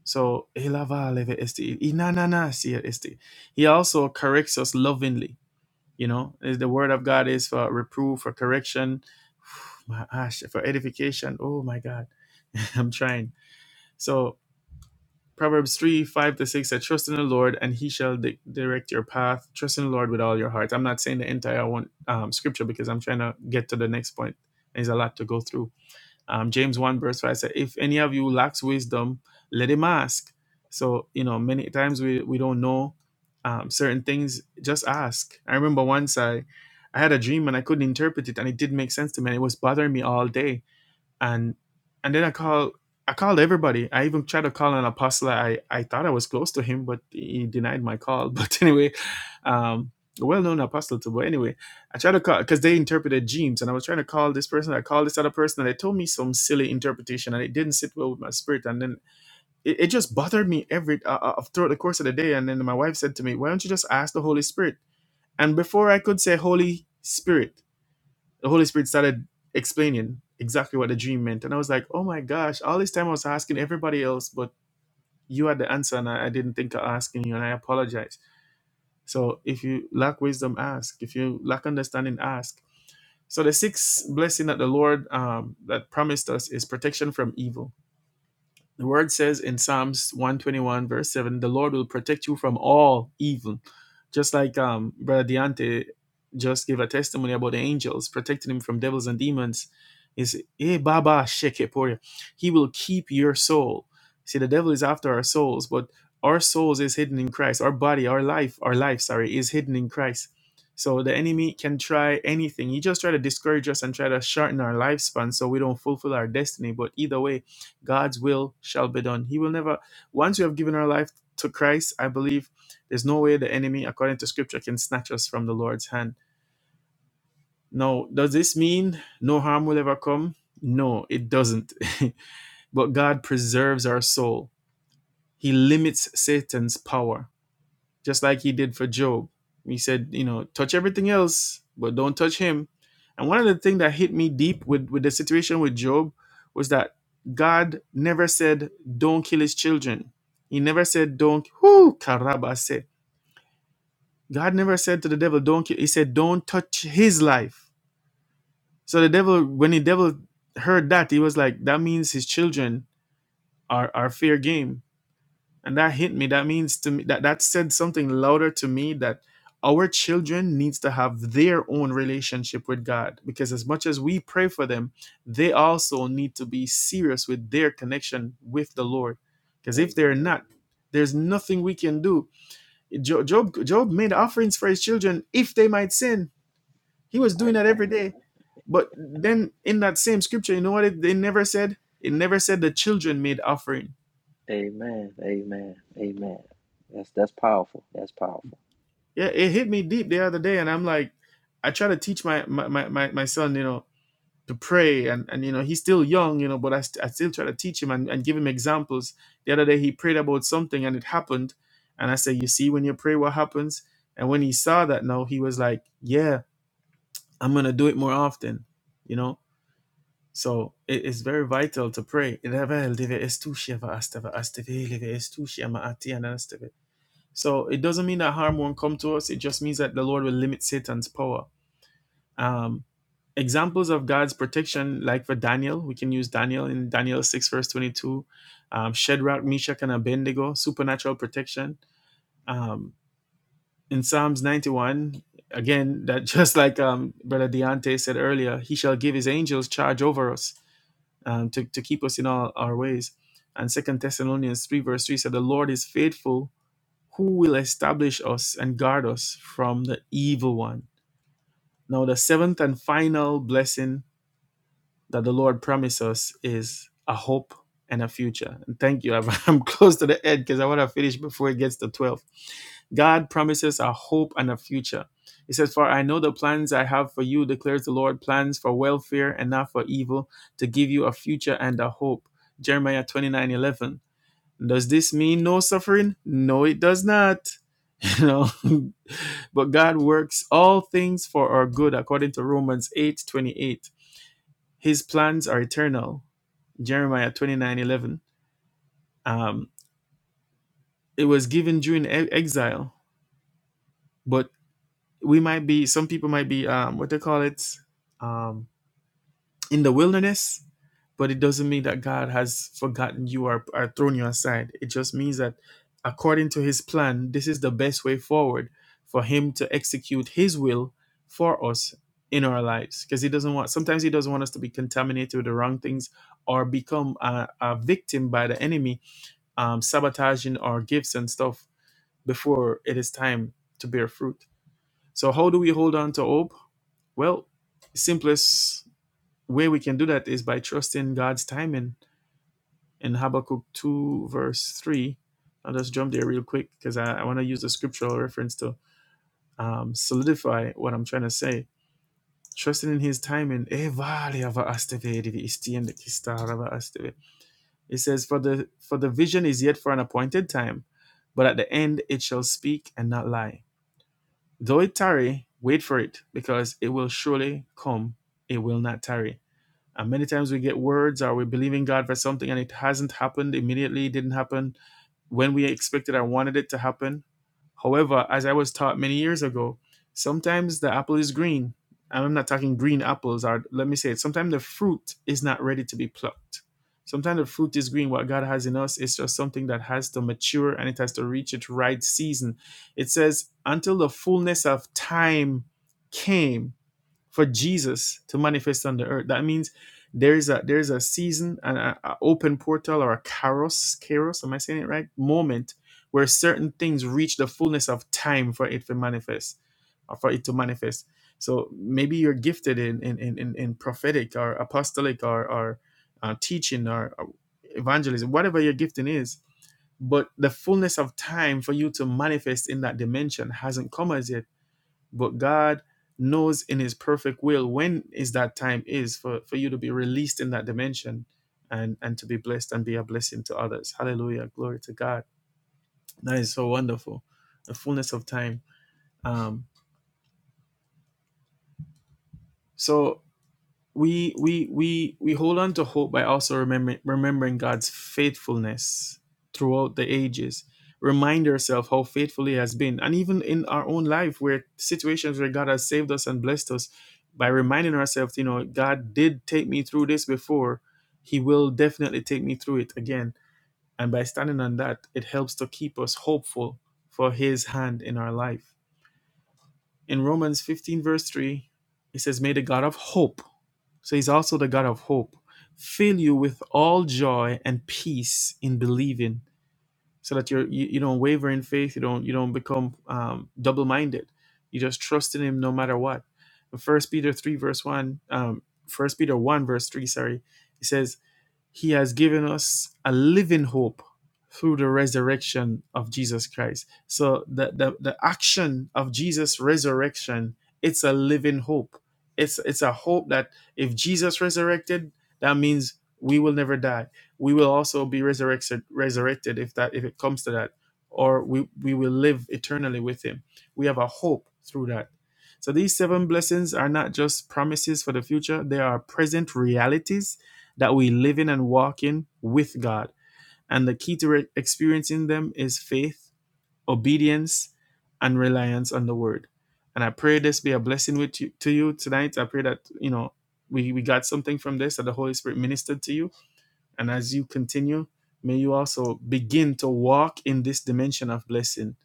[SPEAKER 1] so "Ela va leve esti, inanana sia esti." he also corrects us lovingly you know is the word of god is for reproof for correction my ash for edification oh my god I'm trying. So Proverbs 3, 5 to 6 said, Trust in the Lord and he shall di- direct your path. Trust in the Lord with all your heart. I'm not saying the entire one um, scripture because I'm trying to get to the next point. There's a lot to go through. Um, James 1, verse 5 said, If any of you lacks wisdom, let him ask. So, you know, many times we, we don't know um, certain things, just ask. I remember once I, I had a dream and I couldn't interpret it and it didn't make sense to me and it was bothering me all day and and then I call I called everybody. I even tried to call an apostle. I I thought I was close to him, but he denied my call. But anyway, um, a well-known apostle too. But anyway, I tried to call because they interpreted dreams, and I was trying to call this person. I called this other person, and they told me some silly interpretation, and it didn't sit well with my spirit. And then it, it just bothered me every uh, uh, throughout the course of the day. And then my wife said to me, "Why don't you just ask the Holy Spirit?" And before I could say Holy Spirit the Holy Spirit started explaining exactly what the dream meant. And I was like, oh my gosh, all this time I was asking everybody else, but you had the answer and I, I didn't think of asking you and I apologize. So if you lack wisdom, ask. If you lack understanding, ask. So the sixth blessing that the Lord um, that promised us is protection from evil the word says in Psalms 121, verse 7, the Lord will protect you from all evil. Just like um, Brother Deante just gave a testimony about the angels protecting him from devils and demons. Is eh Baba Sheke Poria. He will keep your soul. See, the devil is after our souls, but our souls is hidden in Christ. Our body, our life, our life, sorry, is hidden in Christ. So the enemy can try anything. He just try to discourage us and try to shorten our lifespan so we don't fulfill our destiny. But either way, God's will shall be done. He will never, once you have given our life to Christ, I believe there's no way the enemy, according to scripture, can snatch us from the Lord's hand. Now, does this mean no harm will ever come? No, it doesn't. but God preserves our soul, He limits Satan's power just like he did for Job. He said, you know, touch everything else, but don't touch him. And one of the things that hit me deep with, with the situation with Job was that God never said, don't kill his children. He never said, don't, whoo, karabase. God never said to the devil, don't kill. He said, don't touch his life. So the devil, when the devil heard that, he was like, that means his children are, are fair game and that hit me that means to me that that said something louder to me that our children needs to have their own relationship with god because as much as we pray for them they also need to be serious with their connection with the lord because if they're
[SPEAKER 2] Amen.
[SPEAKER 1] not there's nothing we can do Jo- job job made offerings for his children if they might sin he was doing
[SPEAKER 2] Right,
[SPEAKER 1] that
[SPEAKER 2] right.
[SPEAKER 1] every day but then in that same scripture you know what it, they never said it never said the children made offering
[SPEAKER 2] Amen. Amen. Amen. That's that's powerful. That's powerful.
[SPEAKER 1] yeah it hit me deep the other day and i'm like i try to teach my my my, my my son you know to pray and and you know he's still young you know but i, st- I still try to teach him and, and give him examples the other day he prayed about something and it happened and i said you see when you pray what happens and when he saw that now he was like yeah i'm gonna do it more often you know so it is very vital to pray. So it doesn't mean that harm won't come to us. It just means that the Lord will limit Satan's power. Um, examples of God's protection, like for Daniel, we can use Daniel in Daniel 6, verse 22, um, Shadrach, Meshach, and Abednego, supernatural protection. Um, in Psalms 91, again, that just like um, Brother Deontay said earlier, he shall give his angels charge over us um, to, to keep us in all our ways. And Second Thessalonians 3, verse 3 said, The Lord is faithful who will establish us and guard us from the evil one. Now, the seventh and final blessing that the Lord promised us is a hope and a future. And thank you. I'm I'm close to the end because I want to finish before it gets to 12. God promises a hope and a future. He says, For I know the plans I have for you, declares the Lord, plans for welfare and not for evil, to give you a future and a hope. Jeremiah 29 11. Does this mean no suffering? No, it does not. You know, but God works all things for our good according to Romans 8 28. His plans are eternal. Jeremiah 29 11. Um, it was given during e- exile, but we might be, some people might be, um, what they call it? Um. in the wilderness, but it doesn't mean that God has forgotten you or, or thrown you aside. It just means that according to his plan, this is the best way forward for him to execute his will for us in our lives because he doesn't want sometimes he doesn't want us to be contaminated with the wrong things or become a, a victim by the enemy um, sabotaging our gifts and stuff before it is time to bear fruit so how do we hold on to hope well simplest way we can do that is by trusting God's timing. In Habakkuk 2, verse 3, I'll just jump there real quick because I, I want to use the scriptural reference to um, solidify what I'm trying to say. Trusting in his timing. "E vale It says, For the for the vision is yet for an appointed time, but at the end it shall speak and not lie. Though it tarry, wait for it, because it will surely come, it will not tarry And many times we get words or we're believing God for something and it hasn't happened immediately, it didn't happen when we expected or wanted it to happen. However, as I was taught many years ago, sometimes the apple is green. And I'm not talking green apples, or let me say it, sometimes the fruit is not ready to be plucked. Sometimes the fruit is green. What God has in us is just something that has to mature and it has to reach its right season. It says, until the fullness of time came for Jesus to manifest on the earth. That means there is a there is a season and an a, a open portal or a kairos, kairos, am I saying it right? Moment where certain things reach the fullness of time for it to manifest, or for it to manifest. So maybe you're gifted in in in, in in prophetic or apostolic or or uh, teaching or, or evangelism, whatever your gifting is. But the fullness of time for you to manifest in that dimension hasn't come as yet but God knows in his perfect will when is that time is for, for you to be released in that dimension and and to be blessed and be a blessing to others hallelujah glory to god that is so wonderful the fullness of time um so we we we we hold on to hope by also remembering remembering God's faithfulness throughout the ages. Remind yourself how faithful He has been, and even in our own life, where situations where God has saved us and blessed us, by reminding ourselves, you know, God did take me through this before. He will definitely take me through it again. And by standing on that, it helps to keep us hopeful for His hand in our life in Romans 15, verse 3, it says, May the God of hope, so he's also the God of hope, fill you with all joy and peace in believing, so that you're, you, you don't waver in faith, you don't, you don't become um, double minded. You just trust in him no matter what. First Peter 3, verse 1, um, 1 Peter 1, verse 3, sorry, it says, he has given us a living hope through the resurrection of Jesus Christ. So the, the, the action of Jesus' resurrection, it's a living hope. It's it's a hope that if Jesus resurrected, that means we will never die. We will also be resurrected resurrected if that if it comes to that. Or we, we will live eternally with him. We have a hope through that. So these seven blessings are not just promises for the future, they are present realities that we live in and walk in with God. And the key to re- experiencing them is faith, obedience, and reliance on the word. And I pray this be a blessing with you, to you tonight. I pray that, you know, we, we got something from this, that the Holy Spirit ministered to you. And as you continue, may you also begin to walk in this dimension of blessing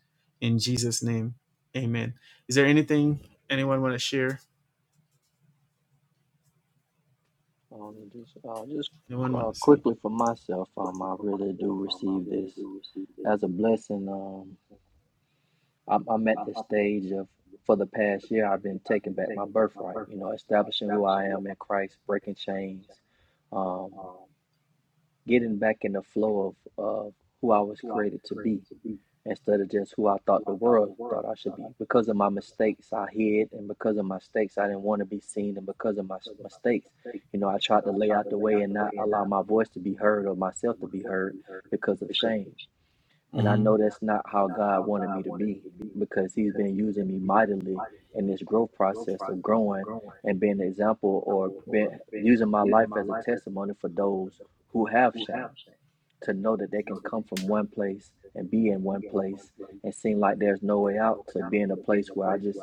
[SPEAKER 1] in Jesus' name. Amen. Is there anything
[SPEAKER 2] Amen.
[SPEAKER 1] anyone want to share?
[SPEAKER 2] Um, just uh, just
[SPEAKER 1] Anyone
[SPEAKER 2] uh,
[SPEAKER 1] want to say?
[SPEAKER 2] quickly for myself, um, I really do receive this as a blessing. Um, I'm, I'm at the stage of for the past year I've been taking back my birthright, you know, establishing who I am in Christ, breaking chains, um, getting back in the flow of, of who I was created to be instead of just who I thought the world thought I should be. Because of my mistakes, I hid, and because of my mistakes, I didn't want to be seen, and because of my mistakes, you know, I tried to lay out the way and not allow my voice to be heard or myself to be heard because of shame. And I
[SPEAKER 1] hmm
[SPEAKER 2] know that's not how God wanted me to be because He's been using me mightily in this growth process of growing and being an example or been using my life as a testimony for those who have shame to know that they can come from one place and be in one place and seem like there's no way out to be in a place where I just,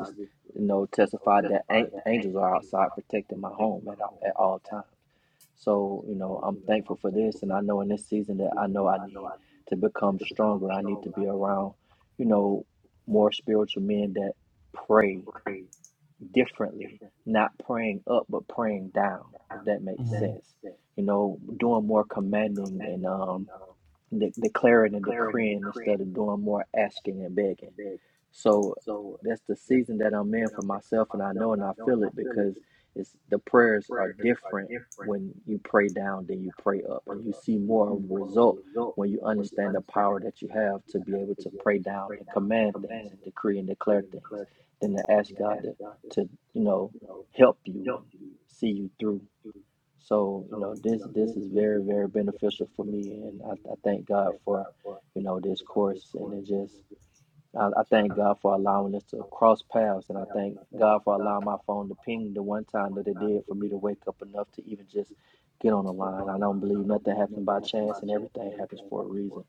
[SPEAKER 2] you know, testified that an- angels are outside protecting my home at all, at all times. So, you know, I'm thankful for this. And I know in this season that I know I need to become stronger. I need to be around, you know, more spiritual men that pray differently, not praying up, but praying down, if that makes sense.
[SPEAKER 1] hmm
[SPEAKER 2] You know, doing more commanding and, um, de- declaring and decreeing instead of doing more asking and begging. So that's the season that I'm in for myself, and I know and I feel it because it's the prayers are different when you pray down than you pray up, and you see more of a result when you understand the power that you have to be able to pray down and command things and decree and declare things than to ask God to, to you know help you and see you through so, you know, this this is very, very beneficial for me and I, I thank God for, you know, this course and it just I, I thank God for allowing us to cross paths, and I thank God for allowing my phone to ping the one time that it did for me to wake up enough to even just get on the line. I don't believe nothing happened by chance, and everything happens for a reason.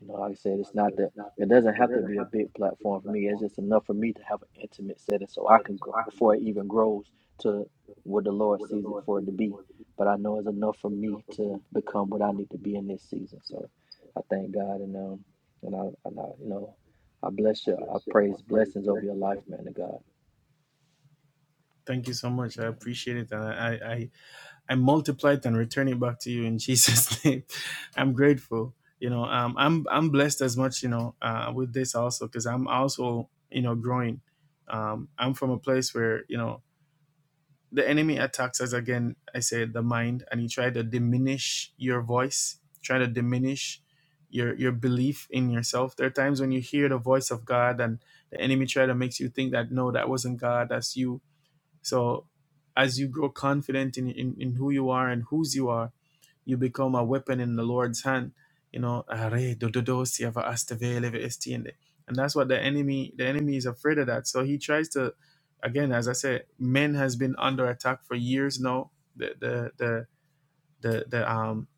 [SPEAKER 2] You know, like I said, it's not that it doesn't have to be a big platform for me. It's just enough for me to have an intimate setting so I can grow before it even grows to what the Lord sees it for it to be. But I know it's enough for me to become what I need to be in this season. So I thank God, and um, and I, and I you know. I bless you. I praise blessings over your life, man of God.
[SPEAKER 1] Thank you so much. I appreciate it, and I I I multiply it and return it back to you in Jesus' name. I'm grateful. You know, um, I'm I'm blessed as much. You know, uh, with this also because I'm also you know growing. Um, I'm from a place where you know the enemy attacks us again. I said the mind, and he tried to diminish your voice, try to diminish your your belief in yourself. There are times when you hear the voice of God, and the enemy try to makes you think that no, that wasn't God, that's you so as you grow confident in, in, in who you are and whose you are, you become a weapon in the Lord's hand. You know, "Are do si ava asta leve esti and that's what the enemy the enemy is afraid of that. So he tries to, again, as I said, men has been under attack for years now. The the the the, the um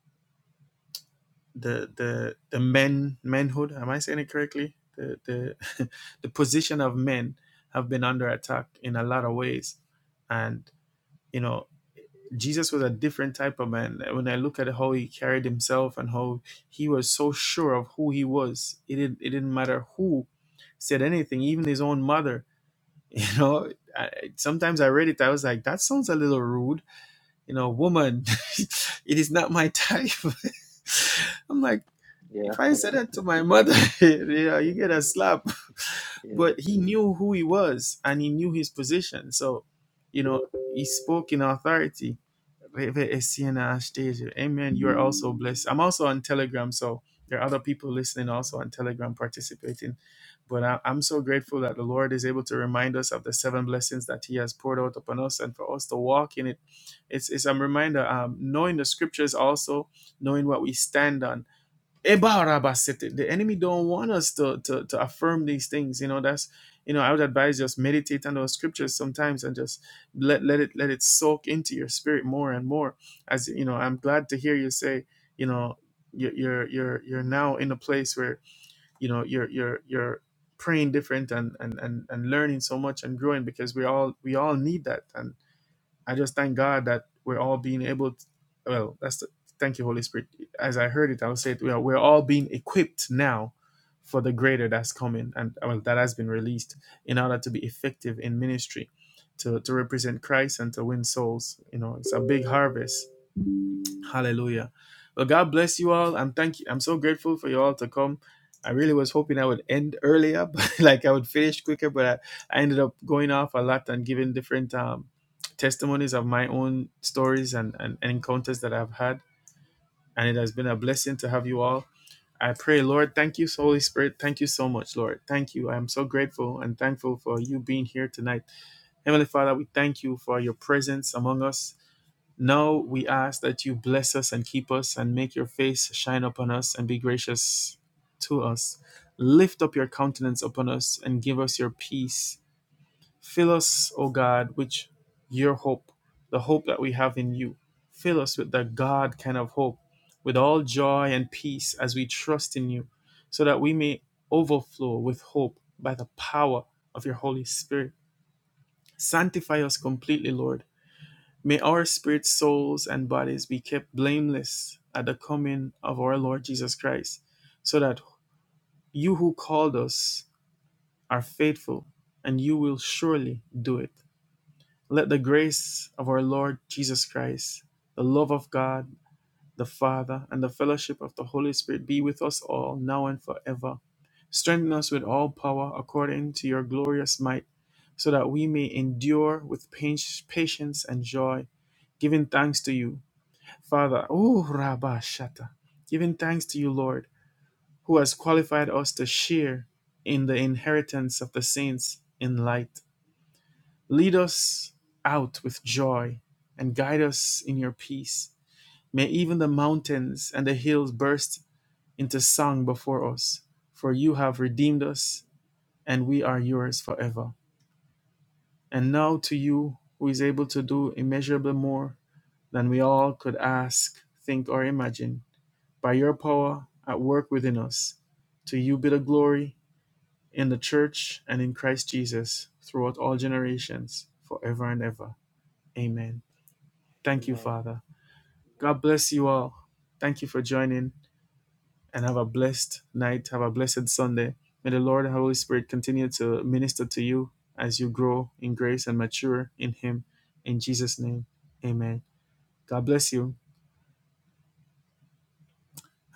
[SPEAKER 1] the the the men manhood. Am I saying it correctly? The the the position of men have been under attack in a lot of ways, and you know Jesus was a different type of man. When I look at how he carried himself and how he was so sure of who he was, it didn't, it didn't matter who said anything, even his own mother. You know, I, sometimes I read it, I was like, that sounds a little rude. You know, woman, it is not my type. I'm like,
[SPEAKER 2] Yeah,
[SPEAKER 1] if I said that to my mother, you know, you get a slap.
[SPEAKER 2] yeah.
[SPEAKER 1] But he knew who he was and he knew his position. So, you know, he spoke in authority Reve Essena Ashteju. Amen. You are also blessed. I'm also on Telegram, so there are other people listening also on Telegram participating. But I, I'm so grateful that the Lord is able to remind us of the seven blessings that He has poured out upon us and for us to walk in it. It's, it's a reminder, um, knowing the scriptures also, knowing what we stand on Ebarabasete. The enemy don't want us to, to to affirm these things. You know, that's you know, I would advise just meditate on those scriptures sometimes and just let let it let it soak into your spirit more and more. As you know, I'm glad to hear you say, you know, you're you're you're, you're now in a place where you know you're you're you're praying different and, and and and learning so much and growing because we all we all need that and. I just thank God that we're all being able to, well, that's the, thank you, Holy Spirit. As I heard it, I'll say it, we are, we're all being equipped now for the greater that's coming and well, that has been released in order to be effective in ministry, to, to represent Christ and to win souls. You know, it's a big harvest Hallelujah. Well, God bless you all. I'm thank you. I'm so grateful for you all to come. I really was hoping I would end earlier, but like I would finish quicker, but I, I ended up going off a lot and giving different um, testimonies of my own stories and, and, and encounters that I've had. And it has been a blessing to have you all. I pray, Lord, thank you, Holy Spirit. Thank you so much, Lord. Thank you. I am so grateful and thankful for you being here tonight. Heavenly Father, we thank you for your presence among us. Now we ask that you bless us and keep us and make your face shine upon us and be gracious to us. Lift up your countenance upon us and give us your peace. Fill us, O God, with your hope, the hope that we have in you. Fill us with that God kind of hope, with all joy and peace as we trust in you, so that we may overflow with hope by the power of your Holy Spirit. Sanctify us completely, Lord May our spirits, souls, and bodies be kept blameless at the coming of our Lord Jesus Christ, so that you who called us are faithful, and you will surely do it. Let the grace of our Lord Jesus Christ, the love of God, the Father, and the fellowship of the Holy Spirit be with us all, now and forever. Strengthen us with all power according to your glorious might, so that we may endure with pa- patience and joy, giving thanks to you Father, oh Rabba Shata, giving thanks to you, Lord, who has qualified us to share in the inheritance of the saints in light. Lead us out with joy and guide us in your peace. May even the mountains and the hills burst into song before us, for you have redeemed us and we are yours forever. And now to you, who is able to do immeasurably more than we all could ask, think, or imagine. by your power at work within us. To you be the glory in the church and in Christ Jesus throughout all generations, forever and ever. Amen. Thank you,
[SPEAKER 2] Amen.
[SPEAKER 1] Father. God bless you all. Thank you for joining and have a blessed night. Have a blessed Sunday. May the Lord and Holy Spirit continue to minister to you as you grow in grace and mature in Him. In Jesus' name, amen. God bless you.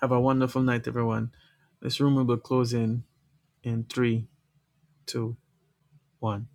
[SPEAKER 1] Have a wonderful night, everyone. This room will be closing in three, two. one